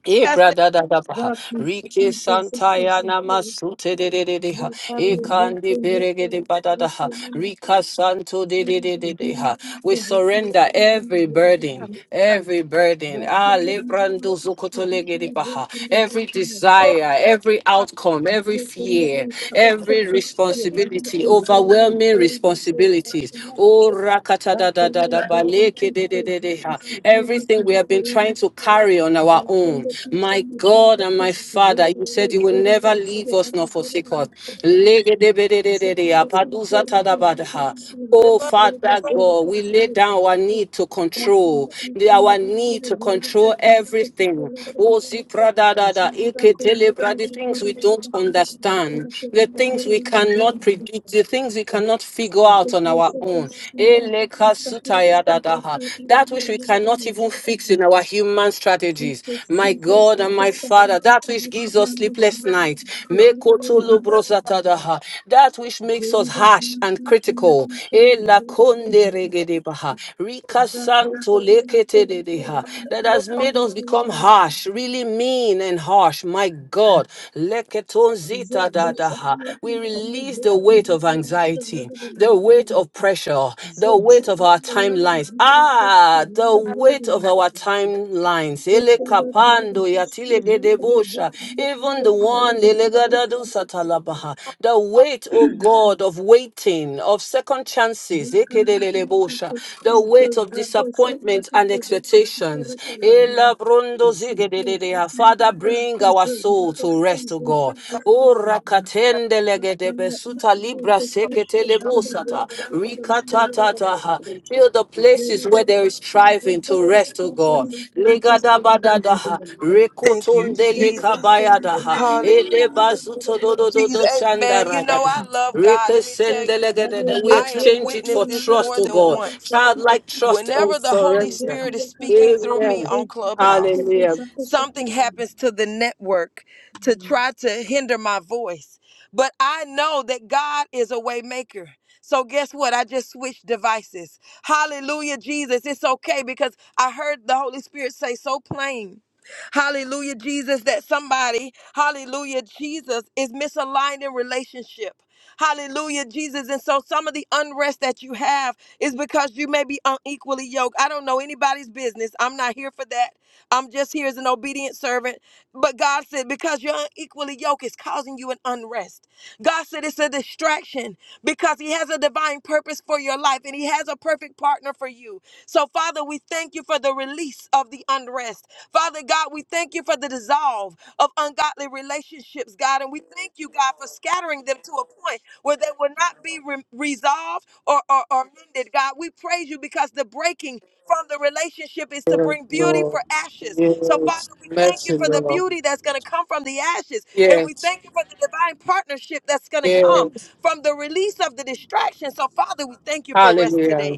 Speaker 1: E brada da da baha,
Speaker 3: vakus
Speaker 1: Rike
Speaker 3: kisa seko
Speaker 1: Santaya
Speaker 3: sakira
Speaker 1: Namasute de de de de ha
Speaker 3: lipari
Speaker 1: E
Speaker 3: zeko
Speaker 1: kandi
Speaker 3: zeko
Speaker 1: berege de bada da
Speaker 3: riki
Speaker 1: ha
Speaker 3: nanda
Speaker 1: Rika Santo de de
Speaker 3: ziri
Speaker 1: de de de
Speaker 3: bakanda
Speaker 1: ha
Speaker 3: iko
Speaker 1: We
Speaker 3: zeko
Speaker 1: surrender
Speaker 3: raki rani
Speaker 1: every
Speaker 3: zeko
Speaker 1: burden, every burden. Ah
Speaker 3: bakanda nyamush
Speaker 1: lebrando
Speaker 3: kishki
Speaker 1: zukoto lege de
Speaker 3: lipari
Speaker 1: baha
Speaker 3: zekende
Speaker 1: every
Speaker 3: bere
Speaker 1: desire, every outcome, every
Speaker 3: Zitende
Speaker 1: fear,
Speaker 3: iparufe
Speaker 1: every
Speaker 3: kushie landa
Speaker 1: responsibility,
Speaker 3: iparule
Speaker 1: overwhelming
Speaker 3: zeriba te
Speaker 1: responsibilities.
Speaker 3: kapila.
Speaker 1: Oh rakata da da da
Speaker 3: Bakende
Speaker 1: da ba
Speaker 3: zeri kushie
Speaker 1: leke
Speaker 3: zitu sifia
Speaker 1: Everything we
Speaker 3: kakiri
Speaker 1: have been
Speaker 3: kilanda.
Speaker 1: trying to carry on our own.
Speaker 3: Bakende
Speaker 1: My
Speaker 3: iparufe
Speaker 1: God
Speaker 3: zeriba
Speaker 1: and my
Speaker 3: kushie
Speaker 1: Father, you
Speaker 3: leparule
Speaker 1: said you will
Speaker 3: zeriba te
Speaker 1: never
Speaker 3: sifia
Speaker 1: leave us
Speaker 3: landa
Speaker 1: nor
Speaker 3: zeriba
Speaker 1: forsake us.
Speaker 3: mushie. Zitende iparufe zitu sifia
Speaker 1: Oh,
Speaker 3: landa lera
Speaker 1: Father
Speaker 3: zeriba
Speaker 1: God,
Speaker 3: te
Speaker 1: we lay
Speaker 3: sifia.
Speaker 1: down our need to
Speaker 3: Bakende
Speaker 1: control, the-
Speaker 3: iparufe
Speaker 1: our
Speaker 3: iparufe
Speaker 1: need to
Speaker 3: lera
Speaker 1: control
Speaker 3: kushie sifia sifia
Speaker 1: everything.
Speaker 3: landa.
Speaker 1: Oh, zipradadada,
Speaker 3: Zeriba kushie sifia kushie
Speaker 1: iketelebra,
Speaker 3: kakiri
Speaker 1: the
Speaker 3: kakiri
Speaker 1: things we don't understand,
Speaker 3: kakiri
Speaker 1: the
Speaker 3: kakiri
Speaker 1: things we
Speaker 3: kakiri kakiri
Speaker 1: cannot predict, the things we cannot figure out out on
Speaker 3: Zeko
Speaker 1: our
Speaker 3: Safi
Speaker 1: own.
Speaker 3: Landa Hillary
Speaker 1: Elekasutayadadaha.
Speaker 3: Clinton
Speaker 1: That which we
Speaker 3: Landa
Speaker 1: cannot even fix in our human strategies. My God and my Father, that which gives us sleepless nights. Mekotolobrosatadaha. That which makes us harsh and critical. Elakonderegedebaha. Rikasantoleketededeha. That has made us become harsh, really mean and harsh. My God. Leketonzitadadadaha. We release the weight of anxiety, the weight of pressure, the weight of our timelines. Ah, the weight of
Speaker 3: Hillary
Speaker 1: our timelines.
Speaker 3: Zeriba
Speaker 1: Ele
Speaker 3: kuskiza zeko
Speaker 1: kapando ya
Speaker 3: skiza
Speaker 1: tile
Speaker 3: zeko
Speaker 1: gedebosha. Even the one lele gadadu satalabaha. the weight, oh God, of waiting, of second chances, ekedelelebosha. the weight of disappointment and expectations. Ela brondo zigedededea. Father, bring our soul to rest, O God. O rakatende legede besuta libra sekete lebosata. Rikatatataha. Fill the places where there is striving to rest, O God.
Speaker 3: skiza
Speaker 1: Legada
Speaker 3: zeko
Speaker 1: badadaha.
Speaker 3: zeko
Speaker 2: Thank you,
Speaker 3: We
Speaker 1: Rekotonde
Speaker 3: can't
Speaker 2: Jesus.
Speaker 3: even imagine
Speaker 1: lekabayadaha.
Speaker 2: Hallelujah.
Speaker 1: Ele
Speaker 3: the
Speaker 1: bazuto dodo
Speaker 3: damage
Speaker 2: Jesus,
Speaker 1: dodo
Speaker 2: amen. You know,
Speaker 1: shandaragadaha.
Speaker 2: I love God. Let me tell
Speaker 1: Rekesende
Speaker 2: you,
Speaker 3: that will
Speaker 1: legede.
Speaker 3: be
Speaker 1: We
Speaker 2: I have
Speaker 1: exchange
Speaker 3: wreaked
Speaker 1: it for
Speaker 2: witnessed this
Speaker 3: beyond
Speaker 1: trust,
Speaker 2: more
Speaker 1: O
Speaker 2: than
Speaker 3: our
Speaker 1: God.
Speaker 3: own
Speaker 2: once.
Speaker 3: borders.
Speaker 1: Childlike trust and
Speaker 2: whenever the Holy
Speaker 1: surrender.
Speaker 3: Zeki,
Speaker 2: Spirit is
Speaker 3: I can't stop thinking about
Speaker 2: speaking
Speaker 3: those
Speaker 2: through me
Speaker 3: kids.
Speaker 1: Amen.
Speaker 2: on
Speaker 3: Those
Speaker 2: Clubhouse,
Speaker 1: Hallelujah.
Speaker 3: kids.
Speaker 2: something happens to the network to try to hinder my voice. But I know that God is a waymaker, So guess what? I just switched devices. Hallelujah, Jesus. It's okay because I heard the Holy Spirit say so plain. Hallelujah, Jesus, that somebody, hallelujah, Jesus is misaligned in relationship. Hallelujah, Jesus. And so some of the unrest that you have is because you may be unequally yoked. I don't know anybody's business. I'm not here for that. I'm just here as an obedient servant. But God said, because you're unequally yoked, it's causing you an unrest. God said it's a distraction because He has a divine purpose for your life and He has a perfect partner for you. So, Father, we thank you for the release of the unrest. Father God, we thank you for the dissolve of ungodly relationships, God. And we thank you, God, for scattering them to a point where they will not be re- resolved or, or, or mended, God. We praise you because the breaking from the relationship is to
Speaker 1: Yes,
Speaker 2: bring beauty
Speaker 1: Lord.
Speaker 2: for ashes. So, Father,
Speaker 1: Yes.
Speaker 2: we thank you
Speaker 1: Mercy,
Speaker 2: for the
Speaker 1: Lord.
Speaker 2: beauty that's going to come from the ashes. And we
Speaker 1: Yes.
Speaker 2: thank you for the divine partnership that's going to come
Speaker 1: Yes.
Speaker 2: from the release of the distraction. So, Father, we thank you for rest
Speaker 1: Hallelujah.
Speaker 2: today.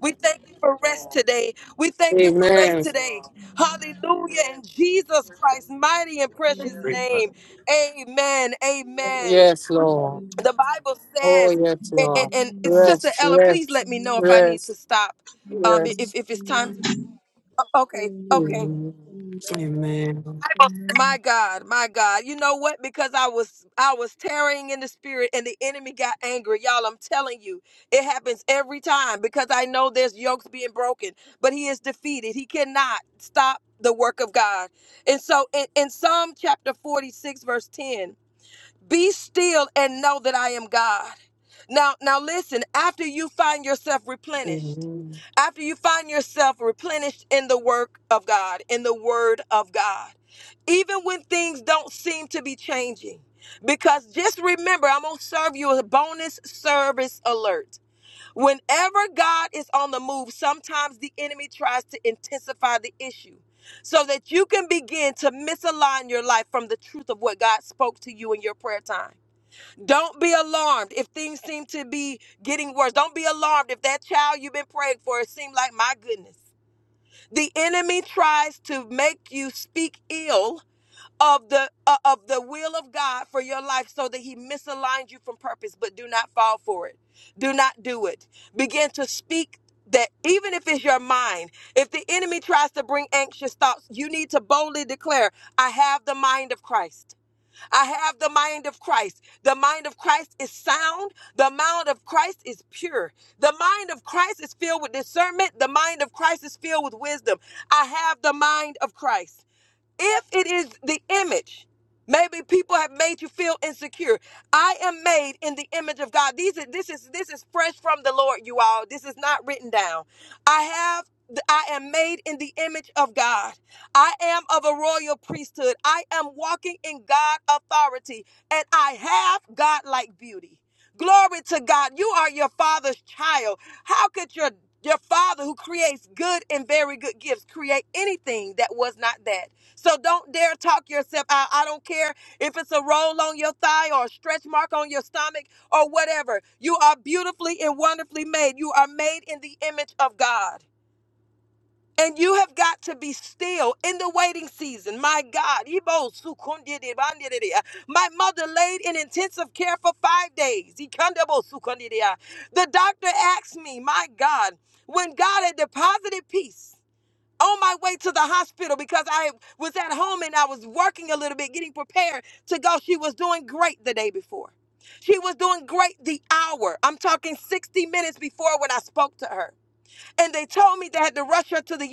Speaker 2: We thank you for rest today. We thank you for rest
Speaker 1: Amen.
Speaker 2: today. Hallelujah. In Jesus Christ's mighty and precious name. Amen. Amen.
Speaker 1: Yes, Lord.
Speaker 2: The Bible
Speaker 1: Oh,
Speaker 2: says,
Speaker 1: yes,
Speaker 2: and, and,
Speaker 1: Lord.
Speaker 2: and and Sister
Speaker 1: Rest,
Speaker 2: Ella, please
Speaker 1: rest,
Speaker 2: let me know if
Speaker 1: rest,
Speaker 2: um
Speaker 1: rest.
Speaker 2: okay
Speaker 1: Amen. Amen.
Speaker 2: my God, you know what? Because I was I was tarrying in the spirit and the enemy got angry. Y'all, I'm telling you, it happens every time because I know there's yokes being broken, but he is defeated. He cannot. stop. Now, now listen, after you find yourself replenished,
Speaker 1: Amen.
Speaker 2: after you find yourself replenished in the work of God, in the word of God, even when things don't seem to be changing, because just remember, I'm going to serve you a bonus service alert. Whenever God is on the move, sometimes the enemy tries to intensify the issue so that you can begin to misalign your life from the truth of what God spoke to you in your pre get the end of the do it that mind. If anxious thoughts, you declare, I have the mind of Christ. I have the mind of Christ. The mind of Christ is sound. The mind of Christ is pure. The mind of Christ is filled with discernment. The mind of Christ is filled with wisdom. I have the mind of Christ. If it is the image, maybe people have made you feel insecure. I am made in the image of God. These are, this is this is fresh from the Lord, you all. This is not written down. I have I am made in the image of God. I am of a royal priesthood. I am walking in God authority and I have God like beauty. Glory to God. You are your father's child. How could your your father who creates good and very good gifts create anything that was not that? So don't dare talk yourself out. I don't care if it's a roll on your thigh or a stretch mark on your stomach or whatever. You are beautifully and wonderfully made. You are made in the image of God. And you have got to be still in the waiting season. My God. Ibo sukundidi bandidi. My mother laid in intensive care for five days. Ikandabo sukundidi. The doctor asked me, my God, when God had deposited peace on my way to the hospital because I was at home and I was working a little bit, getting prepared to go. She was doing great the day before. She was doing great the hour. I'm talking 60 minutes before to her. And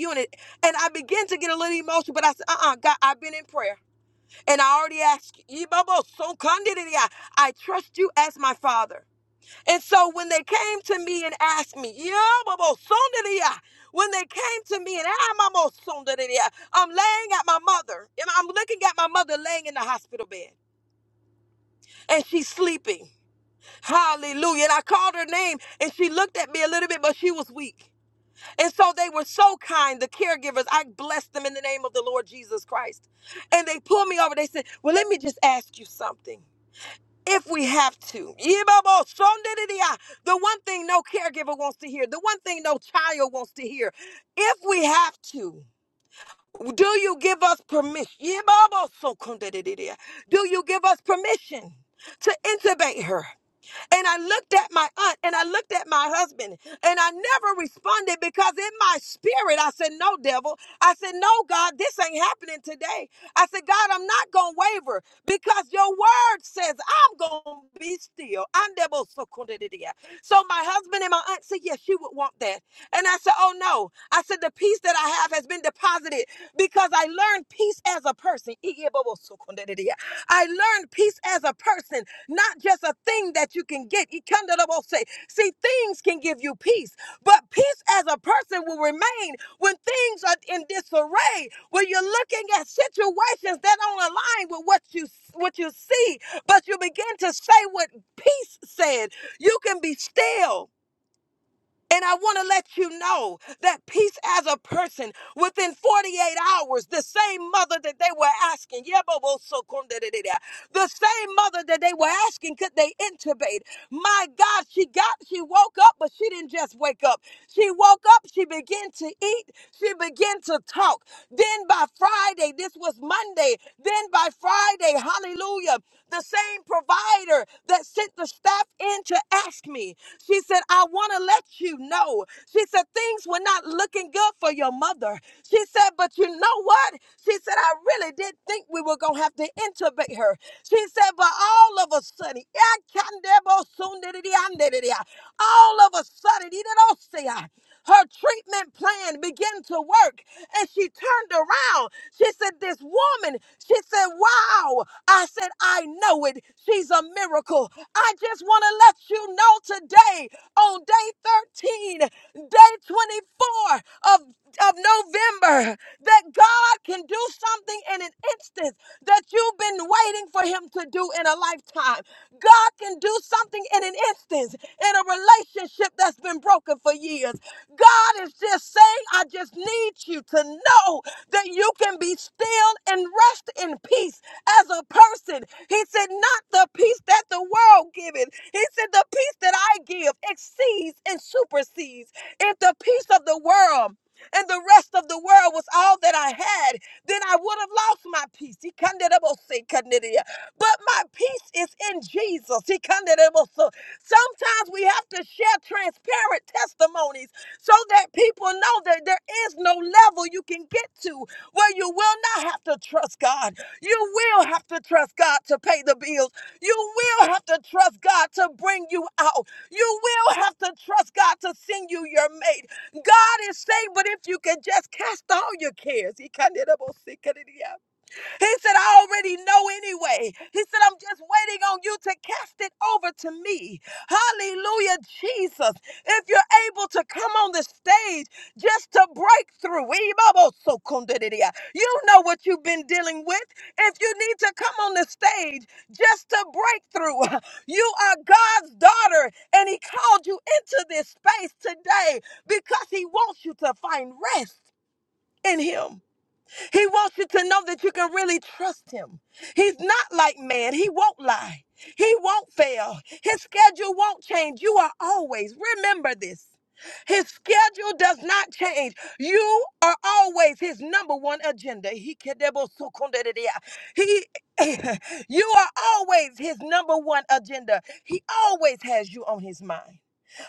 Speaker 2: doing it. And I began to get but I got I've been in prayer. And I already asked you, Babo, so kandidi, I I trust you as my father. And so when they came to me and asked me, "Yeah, Mama, Sondria," when they came to me and "Ah, Mama, Sondria," I'm laying at my mother, and I'm looking at my mother laying in the hospital bed, and she's sleeping. Hallelujah. And I called her name, and she looked at me a little bit, but she was weak. And so they were so kind, the caregivers. I blessed them in the name of the Lord Jesus Christ. And they pulled me over. They said, Well, let me just ask you something. If we have to, Mama, Sondria, the year, if do you Do you give us permission to intubate her? And I looked at my aunt and I looked at my husband and I never responded because in my spirit I said, No, devil. I said, No, God, this ain't happening today. I said, God, I'm not going to waver because your word says I'm going to be still. I'm devil. So my husband and my aunt said, Yes, she would want that. And I said, Oh, no. I said, The peace that I have has been deposited because I learned peace as a person. I learned peace as a person not just a thing that you can get. Ikandalabose. See, things can give you peace, but peace as a person will remain when things are in disarray, when you're looking at situations that don't align with what you what you see, but you begin to say what peace said. You can be still and I want to let you know that peace as a person within 48 hours, the same mother that they were asking, Yebobosokonderedea, the same mother that they were asking, could they intubate? My God, she got, she woke up, but she didn't just wake up. She woke up, she began to eat, she began to talk. Then by Friday, this was Monday, then by Friday, hallelujah, the same provider that sent the staff in to ask me. She said, I want to let you know. She said, things were not looking good for your mother. She said, but you know what? She said, I really did think we were going to have to intubate her. She said, but all of a sudden, all of a sudden, her treatment plan began to work and she turned around. She said, This woman, she said, Wow. I said, I know it. She's a miracle. I just want to let you know today on day 13, day 24 of, of November that God can do something in an instant that you've been waiting for Him to do in a lifetime. God can do something in an instant in a relationship that's been broken for years. God is just saying, I just need you to know that you can be still and rest in peace as a person. He said, Not the peace that the world giveth. He said, The peace that I give exceeds and supersedes. If the peace of the world and the rest of the world was all that I had, then I would have lost my peace. He can't let it say, can't let it. But my peace is in Jesus. He can't let it. Sometimes we have to share transparent testimonies so that people know that there is no level you can get to where you will not have to trust God. You will have to trust God to pay the bills. You will have to trust God to bring you out. You will have to trust God to send you your mate. God is saying, but if you can just cast all your cares, he said, I already know anyway. He said, I'm just waiting on you to cast it over to me. Hallelujah, Jesus. If you're able to come on the stage just to break through, Ibabosokundidia. you know what you've been dealing with. If you need to come on the stage just to break through, you are God's daughter, and He called you into this space today because He wants you to find rest in Him. He wants you to know that you can really trust him. He's not like man. He won't lie. He won't fail. His schedule won't change. You are always, remember this. His schedule does not change. You are always his number one agenda. He he you are always his number one agenda. He always has you on his mind.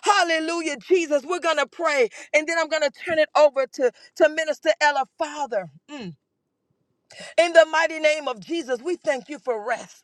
Speaker 2: Hallelujah, Jesus. We're gonna pray and then I'm gonna turn it over to, to Minister Ella Father. mm, in the mighty name of Jesus, we thank you for rest.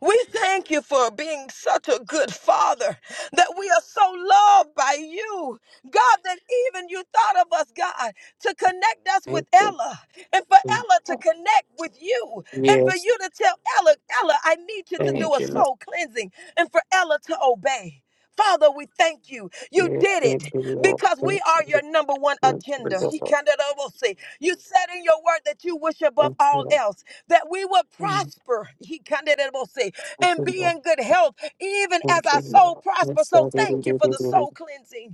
Speaker 2: We thank you for being such a good father, that we are so loved by you, God, that even you thought of us, God, to connect us with
Speaker 1: Thank
Speaker 2: Ella, and for
Speaker 1: you.
Speaker 2: Ella to connect with you, and for
Speaker 1: Yes.
Speaker 2: you to tell Ella, Ella, I need you to do
Speaker 1: Thank
Speaker 2: a
Speaker 1: you, Lord.
Speaker 2: soul cleansing, and for Ella to obey. Father, we thank you. You
Speaker 1: Yes,
Speaker 2: did
Speaker 1: thank
Speaker 2: it
Speaker 1: you, Lord.
Speaker 2: because we
Speaker 1: Thank you,
Speaker 2: are your
Speaker 1: Lord.
Speaker 2: number one
Speaker 1: Thank you,
Speaker 2: agenda. He
Speaker 1: Lord.
Speaker 2: kind of almost say, You said in your word that you wish above
Speaker 1: Thank you,
Speaker 2: all
Speaker 1: Lord.
Speaker 2: else that we would
Speaker 1: Mm.
Speaker 2: prosper. He kind of almost say,
Speaker 1: Thank
Speaker 2: and
Speaker 1: you,
Speaker 2: be
Speaker 1: Lord.
Speaker 2: in good health, even as
Speaker 1: Thank
Speaker 2: our
Speaker 1: you,
Speaker 2: soul
Speaker 1: Lord.
Speaker 2: prospers.
Speaker 1: Yes,
Speaker 2: So
Speaker 1: I did, I
Speaker 2: thank you
Speaker 1: did,
Speaker 2: for
Speaker 1: I
Speaker 2: the
Speaker 1: did.
Speaker 2: soul cleansing.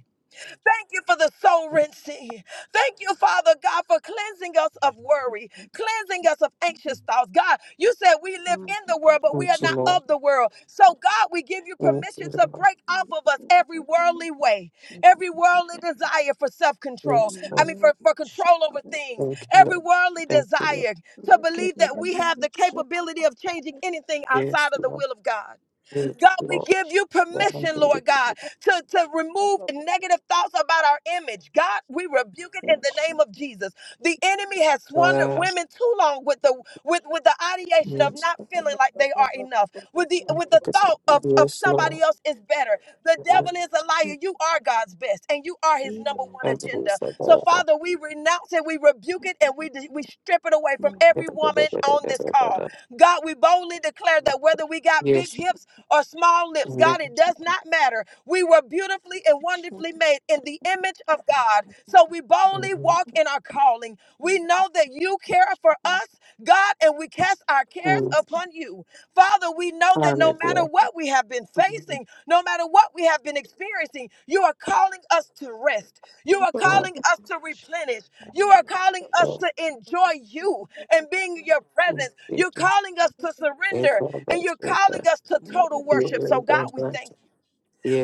Speaker 2: Thank you for the soul
Speaker 1: it.
Speaker 2: rinsing. Thank you, Father God, for cleansing us of worry, cleansing us of anxious thoughts. God, you said we live in the world, but we are
Speaker 1: Thank you,
Speaker 2: not
Speaker 1: Lord.
Speaker 2: of the world. So, God, we give you
Speaker 1: Thank
Speaker 2: permission
Speaker 1: you,
Speaker 2: to
Speaker 1: Lord.
Speaker 2: break off of us every worldly way, every worldly desire for self control.
Speaker 1: Yes,
Speaker 2: I
Speaker 1: Lord.
Speaker 2: mean, for, for control over things,
Speaker 1: Thank you,
Speaker 2: every
Speaker 1: Lord.
Speaker 2: worldly
Speaker 1: Thank you, Lord.
Speaker 2: desire to believe that we have the capability of changing anything outside
Speaker 1: Yes,
Speaker 2: of the
Speaker 1: Lord.
Speaker 2: will of God.
Speaker 1: Yes,
Speaker 2: God, we
Speaker 1: Lord.
Speaker 2: give you
Speaker 1: Well, I'm
Speaker 2: permission,
Speaker 1: ready.
Speaker 2: Lord God, to, to remove negative thoughts about our image. God, we rebuke it in the name of Jesus. The enemy has squandered
Speaker 1: Wow.
Speaker 2: women too long with the with, with the ideation of
Speaker 1: Yes,
Speaker 2: not feeling like they are enough, with the
Speaker 1: Lord.
Speaker 2: with the
Speaker 1: Because-
Speaker 2: thought of, of
Speaker 1: yes, Lord.
Speaker 2: somebody else is better. The
Speaker 1: Amen.
Speaker 2: devil is a liar. You are God's best, and you are his number one
Speaker 1: And it
Speaker 2: agenda.
Speaker 1: was like,
Speaker 2: So,
Speaker 1: uh,
Speaker 2: Father, we renounce it, we rebuke it, and we we strip it away from every woman on this call. God, we boldly declare that whether we got big
Speaker 1: Yes,
Speaker 2: hips
Speaker 4: Shut
Speaker 2: or small lips. God,
Speaker 1: amen.
Speaker 2: it does not matter. We were beautifully and wonderfully made in the image of God. So we boldly
Speaker 1: Amen.
Speaker 2: walk in our calling. We know that you care for us, God, and we cast our cares
Speaker 1: Mm,
Speaker 2: upon you. Father, we know that no matter
Speaker 1: Hallelujah.
Speaker 2: what we have been
Speaker 1: Mm,
Speaker 2: facing, no matter what we have been experiencing, you are calling us to rest. You are
Speaker 1: Lord,
Speaker 2: calling us to replenish. You are calling us
Speaker 1: Lord,
Speaker 2: to enjoy you and being in your
Speaker 1: mm,
Speaker 2: presence.
Speaker 1: thank
Speaker 2: You're
Speaker 1: you.
Speaker 2: calling us to
Speaker 1: Thank
Speaker 2: surrender
Speaker 1: you, Lord, for
Speaker 2: and you're calling
Speaker 1: that.
Speaker 2: us to total
Speaker 1: You are
Speaker 2: worship.
Speaker 1: very
Speaker 2: So, God,
Speaker 1: good,
Speaker 2: we
Speaker 1: Lord.
Speaker 2: thank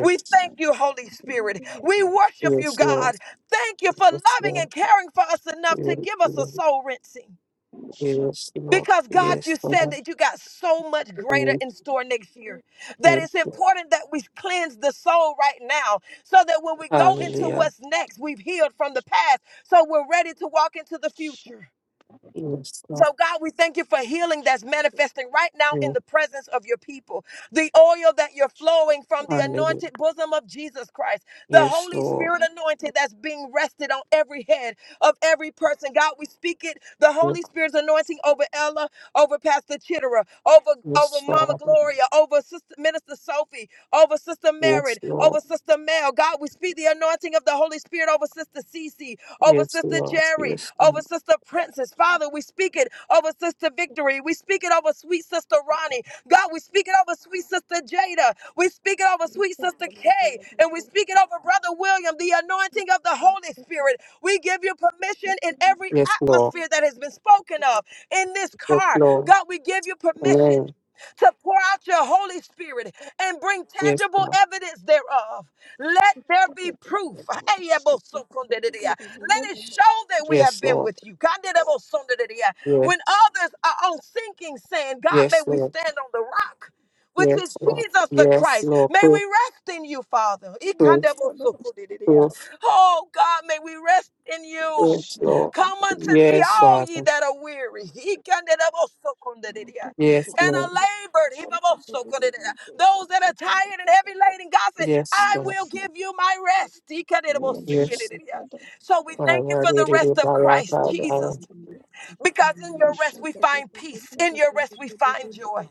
Speaker 2: we thank you, Holy Spirit. We worship you,
Speaker 1: yes, Lord.
Speaker 2: God. Thank you for
Speaker 1: Yes,
Speaker 2: loving
Speaker 1: Lord.
Speaker 2: and caring for us enough to
Speaker 1: Yes,
Speaker 2: give us a
Speaker 1: Lord.
Speaker 2: soul rinsing.
Speaker 1: Yes, Lord.
Speaker 2: Because God, you
Speaker 1: Yes,
Speaker 2: said
Speaker 1: Lord.
Speaker 2: that you got so much greater
Speaker 1: Amen.
Speaker 2: in store next year. That
Speaker 1: Amen.
Speaker 2: it's important that we cleanse the soul right now so that when we go into
Speaker 1: Hallelujah.
Speaker 2: what's next, we've healed from the past. So we're ready to walk into the future.
Speaker 1: Yes, Lord.
Speaker 2: So, God, we thank you for healing that's manifesting right now in
Speaker 1: Yes,
Speaker 2: the presence of your people. The oil that you're flowing from the
Speaker 1: Hallelujah.
Speaker 2: anointed bosom of Jesus Christ, the
Speaker 1: Yes,
Speaker 2: Holy
Speaker 1: Lord.
Speaker 2: Spirit anointing that's being rested on every head of every person. God, we speak it, the
Speaker 1: Yes,
Speaker 2: Holy Spirit's anointing over Ella, over Pastor Chittera, over, over
Speaker 1: yes,
Speaker 2: Mama
Speaker 1: Father.
Speaker 2: Gloria, over Sister Minister Sophie, over Sister
Speaker 1: Yes,
Speaker 2: Merritt,
Speaker 1: Lord.
Speaker 2: over Sister Mel. God, we speak the anointing of the Holy Spirit over Sister Cece, over
Speaker 1: Yes,
Speaker 2: Sister
Speaker 1: Lord.
Speaker 2: Jerry,
Speaker 1: Yes,
Speaker 2: over
Speaker 1: Lord.
Speaker 2: Sister Princess. Father, we speak it over Sister Victory. We speak it over sweet Sister Ronnie. God, we speak it over sweet Sister Jada. We speak it
Speaker 4: Yes.
Speaker 2: over sweet Sister
Speaker 4: Yes.
Speaker 2: Kay. And we speak it over Brother William, the anointing of the Holy Spirit. We give you permission in every
Speaker 1: Yes, Lord.
Speaker 2: atmosphere that has been spoken of in this
Speaker 1: Yes,
Speaker 2: car.
Speaker 1: Lord.
Speaker 2: God, we give you
Speaker 1: Amen.
Speaker 2: permission. To pour out your Holy Spirit and bring
Speaker 1: Yes,
Speaker 2: tangible
Speaker 1: Lord.
Speaker 2: evidence thereof. Let there be proof. Let it show that we have
Speaker 1: Yes,
Speaker 2: been
Speaker 1: Lord.
Speaker 2: with you.
Speaker 1: Yes,
Speaker 2: When others are on sinking sand, God, may
Speaker 1: yes,
Speaker 2: we
Speaker 1: Lord.
Speaker 2: stand on the rock, which is
Speaker 1: Yes, Lord.
Speaker 2: Jesus the
Speaker 1: Yes,
Speaker 2: Christ.
Speaker 1: Lord.
Speaker 2: May
Speaker 1: Proof,
Speaker 2: we rest in you, Father.
Speaker 1: proof,
Speaker 2: Oh, God, may we rest in
Speaker 1: proof.
Speaker 2: you.
Speaker 1: Yes, Lord.
Speaker 2: Come unto me,
Speaker 1: Yes,
Speaker 2: all ye
Speaker 1: Father.
Speaker 2: that are weary,
Speaker 1: Yes,
Speaker 2: and are
Speaker 1: Lord.
Speaker 2: labored. Those that are tired and heavy laden, God said,
Speaker 1: Yes,
Speaker 2: I
Speaker 1: Lord.
Speaker 2: will give you my rest.
Speaker 1: Yes,
Speaker 2: So we thank you for the rest of
Speaker 3: Those are
Speaker 2: Christ
Speaker 1: Father.
Speaker 2: Jesus, because in your rest we find peace, in your rest we find joy,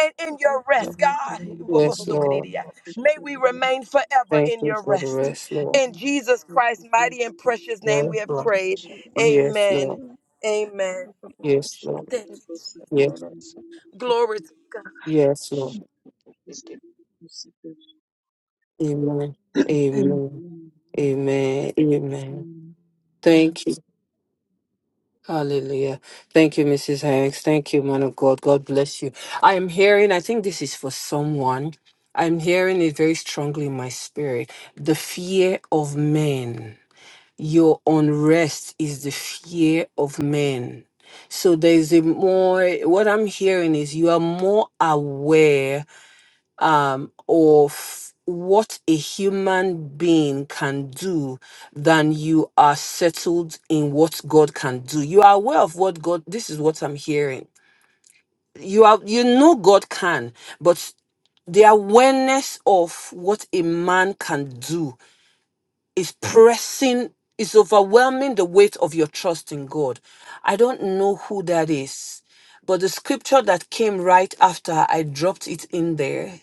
Speaker 2: and in your rest, God,
Speaker 1: Yes,
Speaker 3: my
Speaker 1: Lord.
Speaker 2: may we
Speaker 3: children.
Speaker 2: remain forever
Speaker 1: Thank
Speaker 2: in
Speaker 1: you
Speaker 2: your
Speaker 1: for the
Speaker 2: rest.
Speaker 1: rest, Lord.
Speaker 2: In Jesus Christ's mighty and precious name we
Speaker 1: Yes,
Speaker 2: have
Speaker 4: Thank
Speaker 1: Lord.
Speaker 4: you,
Speaker 2: prayed.
Speaker 4: Jesus.
Speaker 1: Yes, Lord.
Speaker 2: Amen.
Speaker 4: Amen.
Speaker 2: Amen.
Speaker 1: Yes, Lord.
Speaker 2: Thank you.
Speaker 1: Yes,
Speaker 4: Shut
Speaker 2: Glory to God.
Speaker 1: yes, Lord. Amen. Amen. Amen. Amen. Thank you. Hallelujah. Thank you, Mrs. Hanks. Thank you, man of God. God bless you. I am hearing, I think this is for someone. I'm hearing it very strongly in my spirit. The fear of men. You are more aware um, of what a human being can do than you are. God can do. You are aware of what God, this is what I'm hearing. You are, you know God can, but the awareness of what a man can do is pressing, is overwhelming the weight of your trust in God. I don't know who that is, but the scripture that came right after, I dropped it in there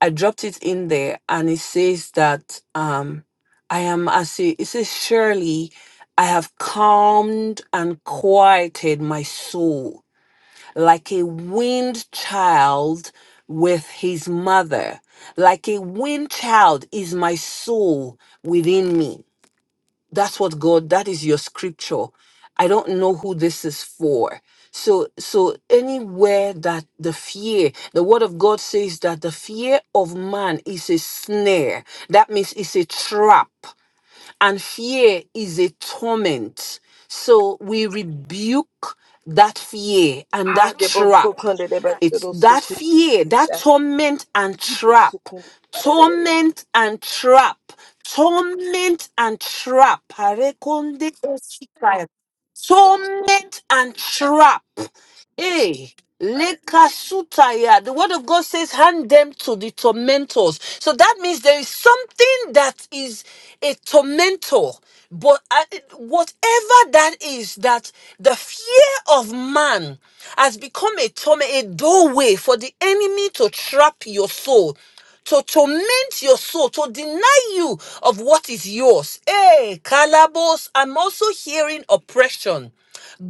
Speaker 1: I dropped it in there and it says that um I am as it it says surely I have calmed and quieted my soul like a wind child with his mother like a wind child is my soul within me that's what god that is your scripture i don't know who this is for so so anywhere that the fear the word of god says that the fear of man is a snare that means it's a trap and fear is a torment. So we rebuke that fear and
Speaker 2: Ha,
Speaker 1: that
Speaker 2: de bo so
Speaker 1: trap.
Speaker 2: kunde de ba de
Speaker 1: It's
Speaker 2: do so
Speaker 1: that
Speaker 2: kunde
Speaker 1: fear, that
Speaker 2: ya.
Speaker 1: torment and
Speaker 2: Ji bo
Speaker 1: trap,
Speaker 2: so kunde ba da da da ya.
Speaker 1: torment and trap, torment and trap. Harekonde osikaya. Torment and trap. Hey, lekasutaya. The word of God says, hand them to the tormentors. So that means there is something that is a tormentor. But uh, whatever that is, that the fear of man has become a torment, a doorway for the enemy to trap your soul to torment your soul, to deny you of what is yours. Hey, Kalabos, I'm also hearing oppression.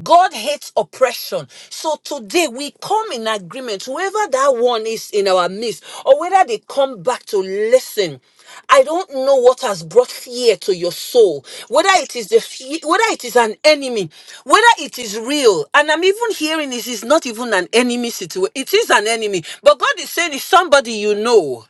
Speaker 1: God hates oppression. So today we come in agreement, whoever that one is in our midst, or whether they come back to listen. I don't know what has brought fear to your soul. Whether it is the fear, whether it is an enemy, whether it is real. And I'm even hearing this is not even an enemy situation. It is an enemy. But God is saying it's somebody you know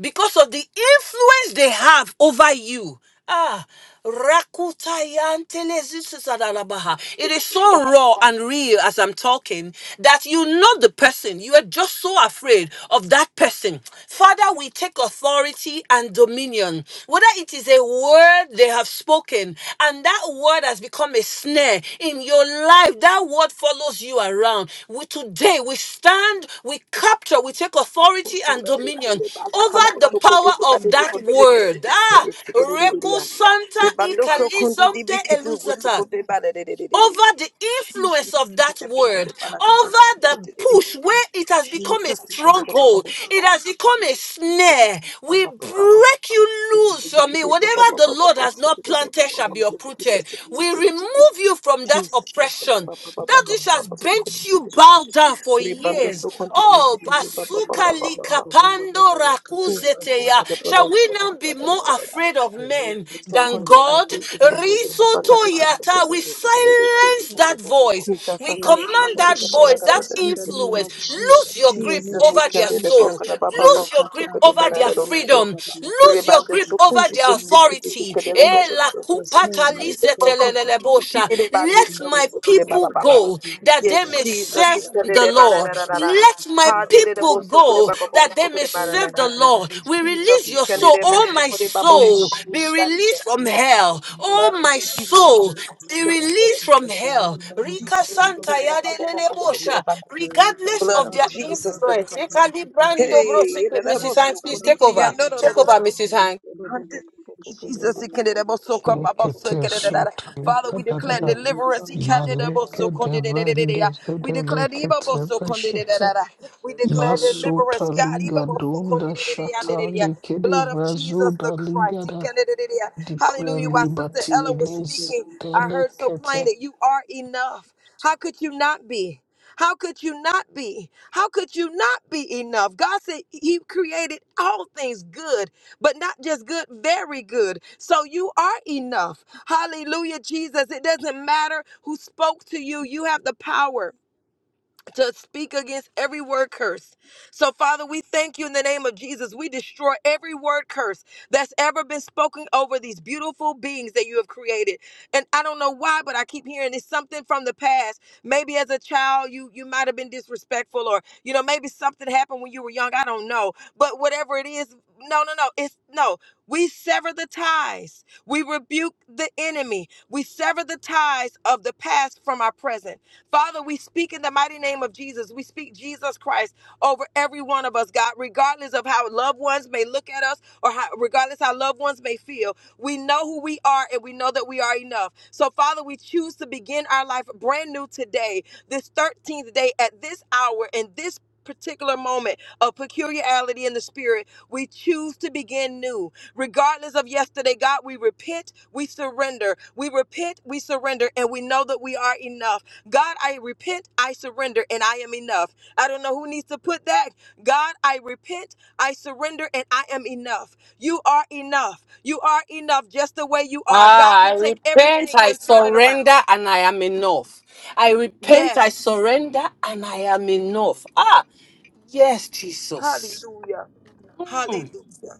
Speaker 1: because of the influence they have over you. Ah, rakutayantelezisusadalabaha. it is so raw and real as I'm talking that you know the person. You are just so afraid of that person. Father, we take authority and dominion, whether it is a word they have spoken, and that word has become a snare in your life. That word follows you around. We today we stand, we capture, we take authority and dominion over
Speaker 2: Rebando
Speaker 1: the
Speaker 2: sokondi
Speaker 1: power
Speaker 2: di
Speaker 1: of
Speaker 2: badidi
Speaker 1: that
Speaker 2: kondi di
Speaker 1: word.
Speaker 2: sikidi
Speaker 1: Ah,
Speaker 2: di sokondi di di
Speaker 1: Reko
Speaker 2: ya.
Speaker 1: Santa
Speaker 2: Rebando sokondi di bikidu
Speaker 1: Ikalisomte
Speaker 2: sokondi badidi di di di di.
Speaker 1: over the
Speaker 2: Jesus
Speaker 1: influence of that
Speaker 2: kondi di kondi
Speaker 1: word,
Speaker 2: badakando
Speaker 1: over
Speaker 2: sikidi
Speaker 1: the
Speaker 2: di di di.
Speaker 1: push where it has become a
Speaker 2: Jesus kondi di baba
Speaker 1: stronghold,
Speaker 2: baba
Speaker 1: it
Speaker 2: sokondi
Speaker 1: has become a snare. We break you loose from it.
Speaker 2: di baba baba sikidi di baba
Speaker 1: Whatever the
Speaker 2: baba
Speaker 1: Lord
Speaker 2: baba
Speaker 1: has not
Speaker 2: sokondi di baba
Speaker 1: planted shall
Speaker 2: baba
Speaker 1: be
Speaker 3: Thank
Speaker 2: sokondi di
Speaker 1: uprooted.
Speaker 2: sikidi
Speaker 1: We
Speaker 2: di di.
Speaker 1: remove you from that
Speaker 2: Jesus kondi
Speaker 1: oppression,
Speaker 2: so baba
Speaker 1: that
Speaker 2: baba
Speaker 1: which has
Speaker 2: baba sokondi
Speaker 1: bent
Speaker 2: di
Speaker 1: you
Speaker 2: di.
Speaker 1: bow down for
Speaker 2: Rebando
Speaker 1: years.
Speaker 2: sokondi di
Speaker 1: Oh,
Speaker 2: sikidi baba
Speaker 5: In
Speaker 2: baba baba
Speaker 5: the
Speaker 2: baba.
Speaker 5: name
Speaker 1: likapando
Speaker 2: Jesus
Speaker 1: rakuzeteya.
Speaker 2: kondi di baba
Speaker 1: Shall we
Speaker 2: baba
Speaker 1: now be more
Speaker 2: baba baba.
Speaker 1: afraid of men than
Speaker 2: Sokonde
Speaker 1: God?
Speaker 2: pakadete sokotete
Speaker 1: Risoto
Speaker 2: pakadete
Speaker 1: yata.
Speaker 2: sokotete
Speaker 1: We
Speaker 2: pakadete.
Speaker 1: silence that voice.
Speaker 2: Jesus
Speaker 1: We
Speaker 2: sakandete
Speaker 1: command
Speaker 5: of
Speaker 1: that
Speaker 2: pakadete
Speaker 1: voice, that
Speaker 2: palakadete
Speaker 5: Jesus, in the
Speaker 2: sikadete.
Speaker 5: name
Speaker 1: influence.
Speaker 5: of
Speaker 1: Lose
Speaker 5: Jesus,
Speaker 1: your
Speaker 5: in the
Speaker 1: grip
Speaker 2: Jesus
Speaker 5: name of
Speaker 1: over their
Speaker 2: ikandete
Speaker 1: soul.
Speaker 5: Jesus,
Speaker 2: pokada baba
Speaker 1: Lose your
Speaker 2: baku
Speaker 1: grip
Speaker 2: sokote
Speaker 1: over
Speaker 5: Rekataria
Speaker 2: palada
Speaker 1: their
Speaker 5: Baba
Speaker 2: romso.
Speaker 5: Baba
Speaker 1: freedom.
Speaker 5: Baba,
Speaker 1: Lose
Speaker 5: in
Speaker 1: your
Speaker 2: Rebande
Speaker 1: grip over
Speaker 2: sokundete
Speaker 5: Jesus'
Speaker 1: their
Speaker 5: name.
Speaker 3: you.
Speaker 2: sikidete
Speaker 1: authority.
Speaker 2: kadele
Speaker 5: In
Speaker 3: Thank
Speaker 1: Eh, la
Speaker 2: romso.
Speaker 5: Jesus' name,
Speaker 3: you.
Speaker 2: Ye
Speaker 5: Jesus.
Speaker 2: baba sokundete de
Speaker 1: Let
Speaker 2: bandete
Speaker 1: my
Speaker 2: romso kude
Speaker 1: people
Speaker 2: baba baba.
Speaker 1: go that
Speaker 2: Yes,
Speaker 1: they may
Speaker 2: Jesus
Speaker 1: serve the
Speaker 2: ikandete balada
Speaker 1: Lord.
Speaker 2: da da da.
Speaker 1: Let my
Speaker 2: Hadede
Speaker 1: people
Speaker 2: boso kude
Speaker 1: go
Speaker 2: baba baku
Speaker 1: that they may
Speaker 2: sokote balada
Speaker 1: serve
Speaker 2: da.
Speaker 1: the Lord. We release
Speaker 2: Jesus
Speaker 1: your soul,
Speaker 2: ikandete
Speaker 1: oh
Speaker 2: boso
Speaker 1: my
Speaker 2: kude
Speaker 1: soul, be released
Speaker 2: baba.
Speaker 1: from hell.
Speaker 2: Blood
Speaker 1: Oh
Speaker 2: of
Speaker 1: my
Speaker 2: Jesus.
Speaker 1: soul, be released from hell. Rika Santa
Speaker 2: the
Speaker 1: Yadelebosha,
Speaker 2: Christ.
Speaker 1: regardless
Speaker 2: Blood
Speaker 1: of
Speaker 2: of
Speaker 1: their
Speaker 2: Jesus the
Speaker 1: influence.
Speaker 2: Christ.
Speaker 1: Ekali
Speaker 2: Hey,
Speaker 1: Brando Bro, Mrs. Hanks, please take over. Take over, Mrs.
Speaker 5: Thank
Speaker 1: Hanks.
Speaker 2: under- Jesus, he can it about so cup, about so
Speaker 6: Lekete
Speaker 2: can it, da, da, da.
Speaker 6: sota
Speaker 2: Father, we declare
Speaker 6: likadadada.
Speaker 2: deliverance. He can it about
Speaker 6: Maleke
Speaker 2: so con- da, da, da, da, da,
Speaker 6: devende
Speaker 2: da. We
Speaker 6: zede
Speaker 2: declare the evil
Speaker 6: lekete
Speaker 2: about so con- da, da, da,
Speaker 6: beshete.
Speaker 2: da, da. We declare
Speaker 3: Ziriya
Speaker 6: Masota
Speaker 2: deliverance, God. he
Speaker 6: liga
Speaker 2: about
Speaker 3: kostinga
Speaker 2: so con-
Speaker 6: donda
Speaker 2: da, da, da, da, da,
Speaker 6: shata
Speaker 3: santasakunapi
Speaker 2: da, da.
Speaker 6: likede
Speaker 2: Blood
Speaker 3: kunapi
Speaker 2: of Jesus
Speaker 6: vazoda
Speaker 3: kunapi
Speaker 2: the
Speaker 3: kum
Speaker 2: Christ. He
Speaker 6: ligada.
Speaker 2: can it, da, da, da, da.
Speaker 6: Declare
Speaker 2: Hallelujah. While
Speaker 3: zikana
Speaker 2: Sister
Speaker 6: liberty
Speaker 2: Ella
Speaker 6: in
Speaker 2: was
Speaker 3: kushkeva
Speaker 2: speaking,
Speaker 6: zede
Speaker 2: I heard so
Speaker 6: lekete.
Speaker 2: plain that you are enough. How could you not be? How could you not be? How could you not be enough? God said He created all things good but not just good, very good. So you are enough. Hallelujah, Jesus. It doesn't matter who spoke to you, you have the power to speak against every word curse. So, Father, we thank you in the name of Jesus. We destroy every word curse that's ever been spoken over these beautiful beings that you have created. And I don't know why, but I keep hearing it's something from the past. Maybe as a child, you you might have been disrespectful, or you know, maybe something happened when you were young. I don't know, but whatever it is, no, no, no, it's no. We sever the ties. We rebuke the enemy. We sever the ties of the past from our present. Father, we speak in the mighty name of Jesus. We speak Jesus Christ over every one of us, God, regardless of how loved ones may look at us or how, regardless how loved ones may feel. We know who we are and we know that we are enough. So, Father, we choose to begin our life brand new today, this 13th day at this hour and this particular moment of peculiarity in the spirit. We choose regardless of yesterday, God, we repent, we surrender. We repent, we surrender, and we know that we are enough. God, I repent, I surrender, and I am enough. I don't know who needs to put that. God, I repent, I surrender, and I am enough. You are enough. You are enough just the way you are. God
Speaker 1: Ah, I
Speaker 2: can take
Speaker 1: repent,
Speaker 2: everything
Speaker 1: I
Speaker 2: and turn it around.
Speaker 1: surrender, and I am enough. I repent, I
Speaker 2: Yes.
Speaker 1: surrender, and I am enough. Ah, yes, Jesus.
Speaker 2: Hallelujah.
Speaker 1: Hmm.
Speaker 2: Hallelujah.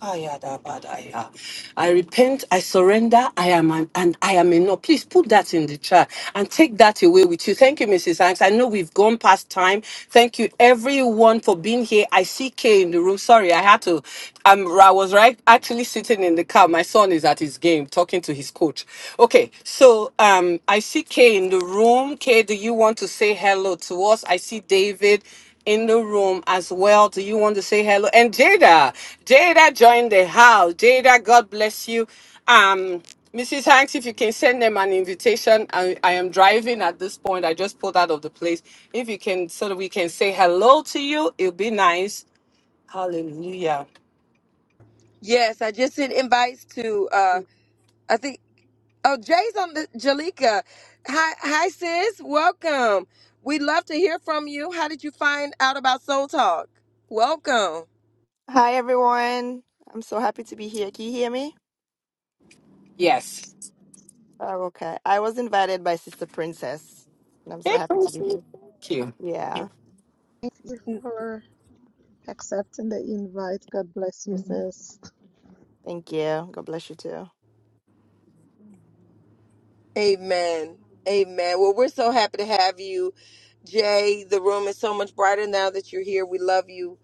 Speaker 1: Ayadabadaya. I repent, I surrender, I am an, and I am enough. Please put that in the chat and take that away with you. Thank you, Mrs. Hanks. I know we've gone past time. Thank you everyone for being here. I see Kay in the room. Sorry, I had to. Um, I was right actually sitting in the car. My son is at his game talking to his coach. Okay, so um I see Kay in the room. Kay, do you want to say hello to us? I see David in the room as well. Do you want to say hello? And Jada, Jada joined the house. Jada, God bless you. Um, Mrs. Hanks, if you can send them an invitation, I, I am driving at this point. I just pulled out of the place. If you can, so that we can say hello to you, it'll be nice. Hallelujah.
Speaker 2: The- yeah. Hi, hi. Um,
Speaker 7: Hi, everyone. I'm so happy to be here. Can you hear me?
Speaker 1: Yes.
Speaker 7: Oh, okay. I was invited by Sister Princess, and I'm so
Speaker 1: Thank
Speaker 7: happy to be here.
Speaker 1: you.
Speaker 7: Yeah.
Speaker 5: you for accepting the invite. God bless you, sis.
Speaker 7: Thank you. God bless you too.
Speaker 2: amen. Amen. Well, we're so happy to have you. Jay, the room is so much brighter now that you're here. We love you.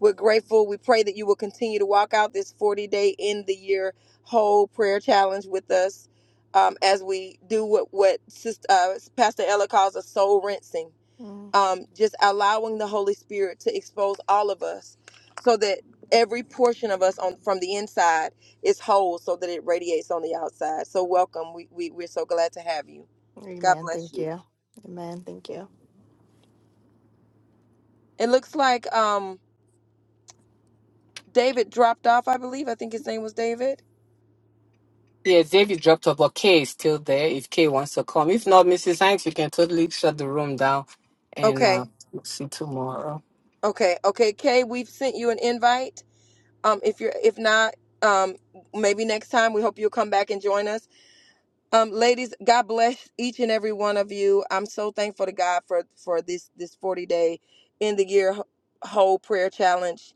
Speaker 2: We're grateful. We pray that you will continue to walk out this 40 day in the year whole prayer challenge with us um, as we do what, what Sis- uh, Pastor Ella calls a soul rinsing,
Speaker 7: Mm.
Speaker 2: um, just allowing the Holy Spirit to expose all of us so that every portion of us on from the inside is whole so that it radiates on the outside. So, welcome. We, we, we're so glad to have you. God
Speaker 7: Amen.
Speaker 2: bless
Speaker 7: Thank
Speaker 2: you.
Speaker 7: you. Amen. Thank you.
Speaker 2: It looks like. um David dropped off, I believe. I think his name was David.
Speaker 1: Yes, David dropped off, but Kay is still there if Kay wants to come. If not, Mrs. Hanks, you can totally shut the room down and uh,
Speaker 2: Okay.
Speaker 1: see tomorrow.
Speaker 2: Okay. Okay. Kay, we've sent you an invite. Um, if you're if not, um, maybe next time we hope you'll come back and join us. Um, ladies, God bless each and every one of you. I'm so thankful to God for for this this 40 day in the year whole prayer challenge.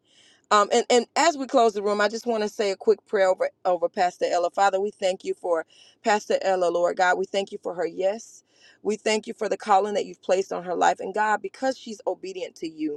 Speaker 2: Um, and, and as we close the room, I just want to say a quick prayer over, over Pastor Ella. Father, we thank you for Pastor Ella, Lord God. We thank you for her yes. We thank you for the calling that you've placed on her life. And God, because she's obedient to you,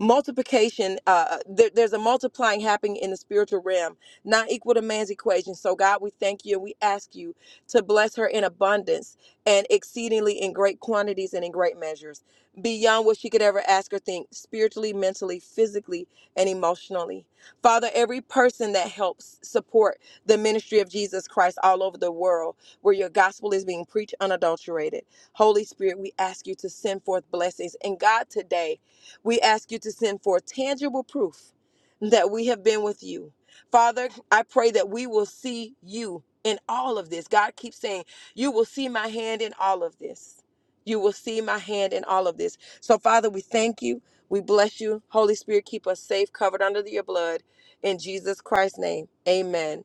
Speaker 2: multiplication uh uh, there, there's a multiplying happening in the spiritual realm not equal to man's equation so god we thank you and we ask you to bless her in abundance and exceedingly in great quantities and in great measures beyond what she could ever ask or think spiritually mentally physically and emotionally father every person that helps support the ministry of jesus christ all over the world where your gospel is being preached unadulterated holy spirit we ask you to send forth blessings and god today we ask you to send forth tangible proof that we have been with you. Father, I pray that we will see you in all of this. God keeps saying, You will see my hand in all of this. You will see my hand in all of this. So, Father, we thank you. We bless you. Holy Spirit, keep us safe, covered under your blood. In Jesus Christ's name, amen.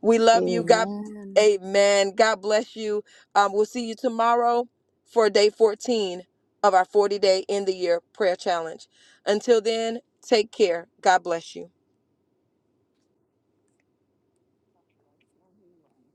Speaker 2: We love you. God,
Speaker 5: Amen.
Speaker 2: amen. God bless you. Um, we'll see you tomorrow for day 14 of our 40 day in the year prayer challenge. Until then, take care. God bless you.
Speaker 8: bless everyone.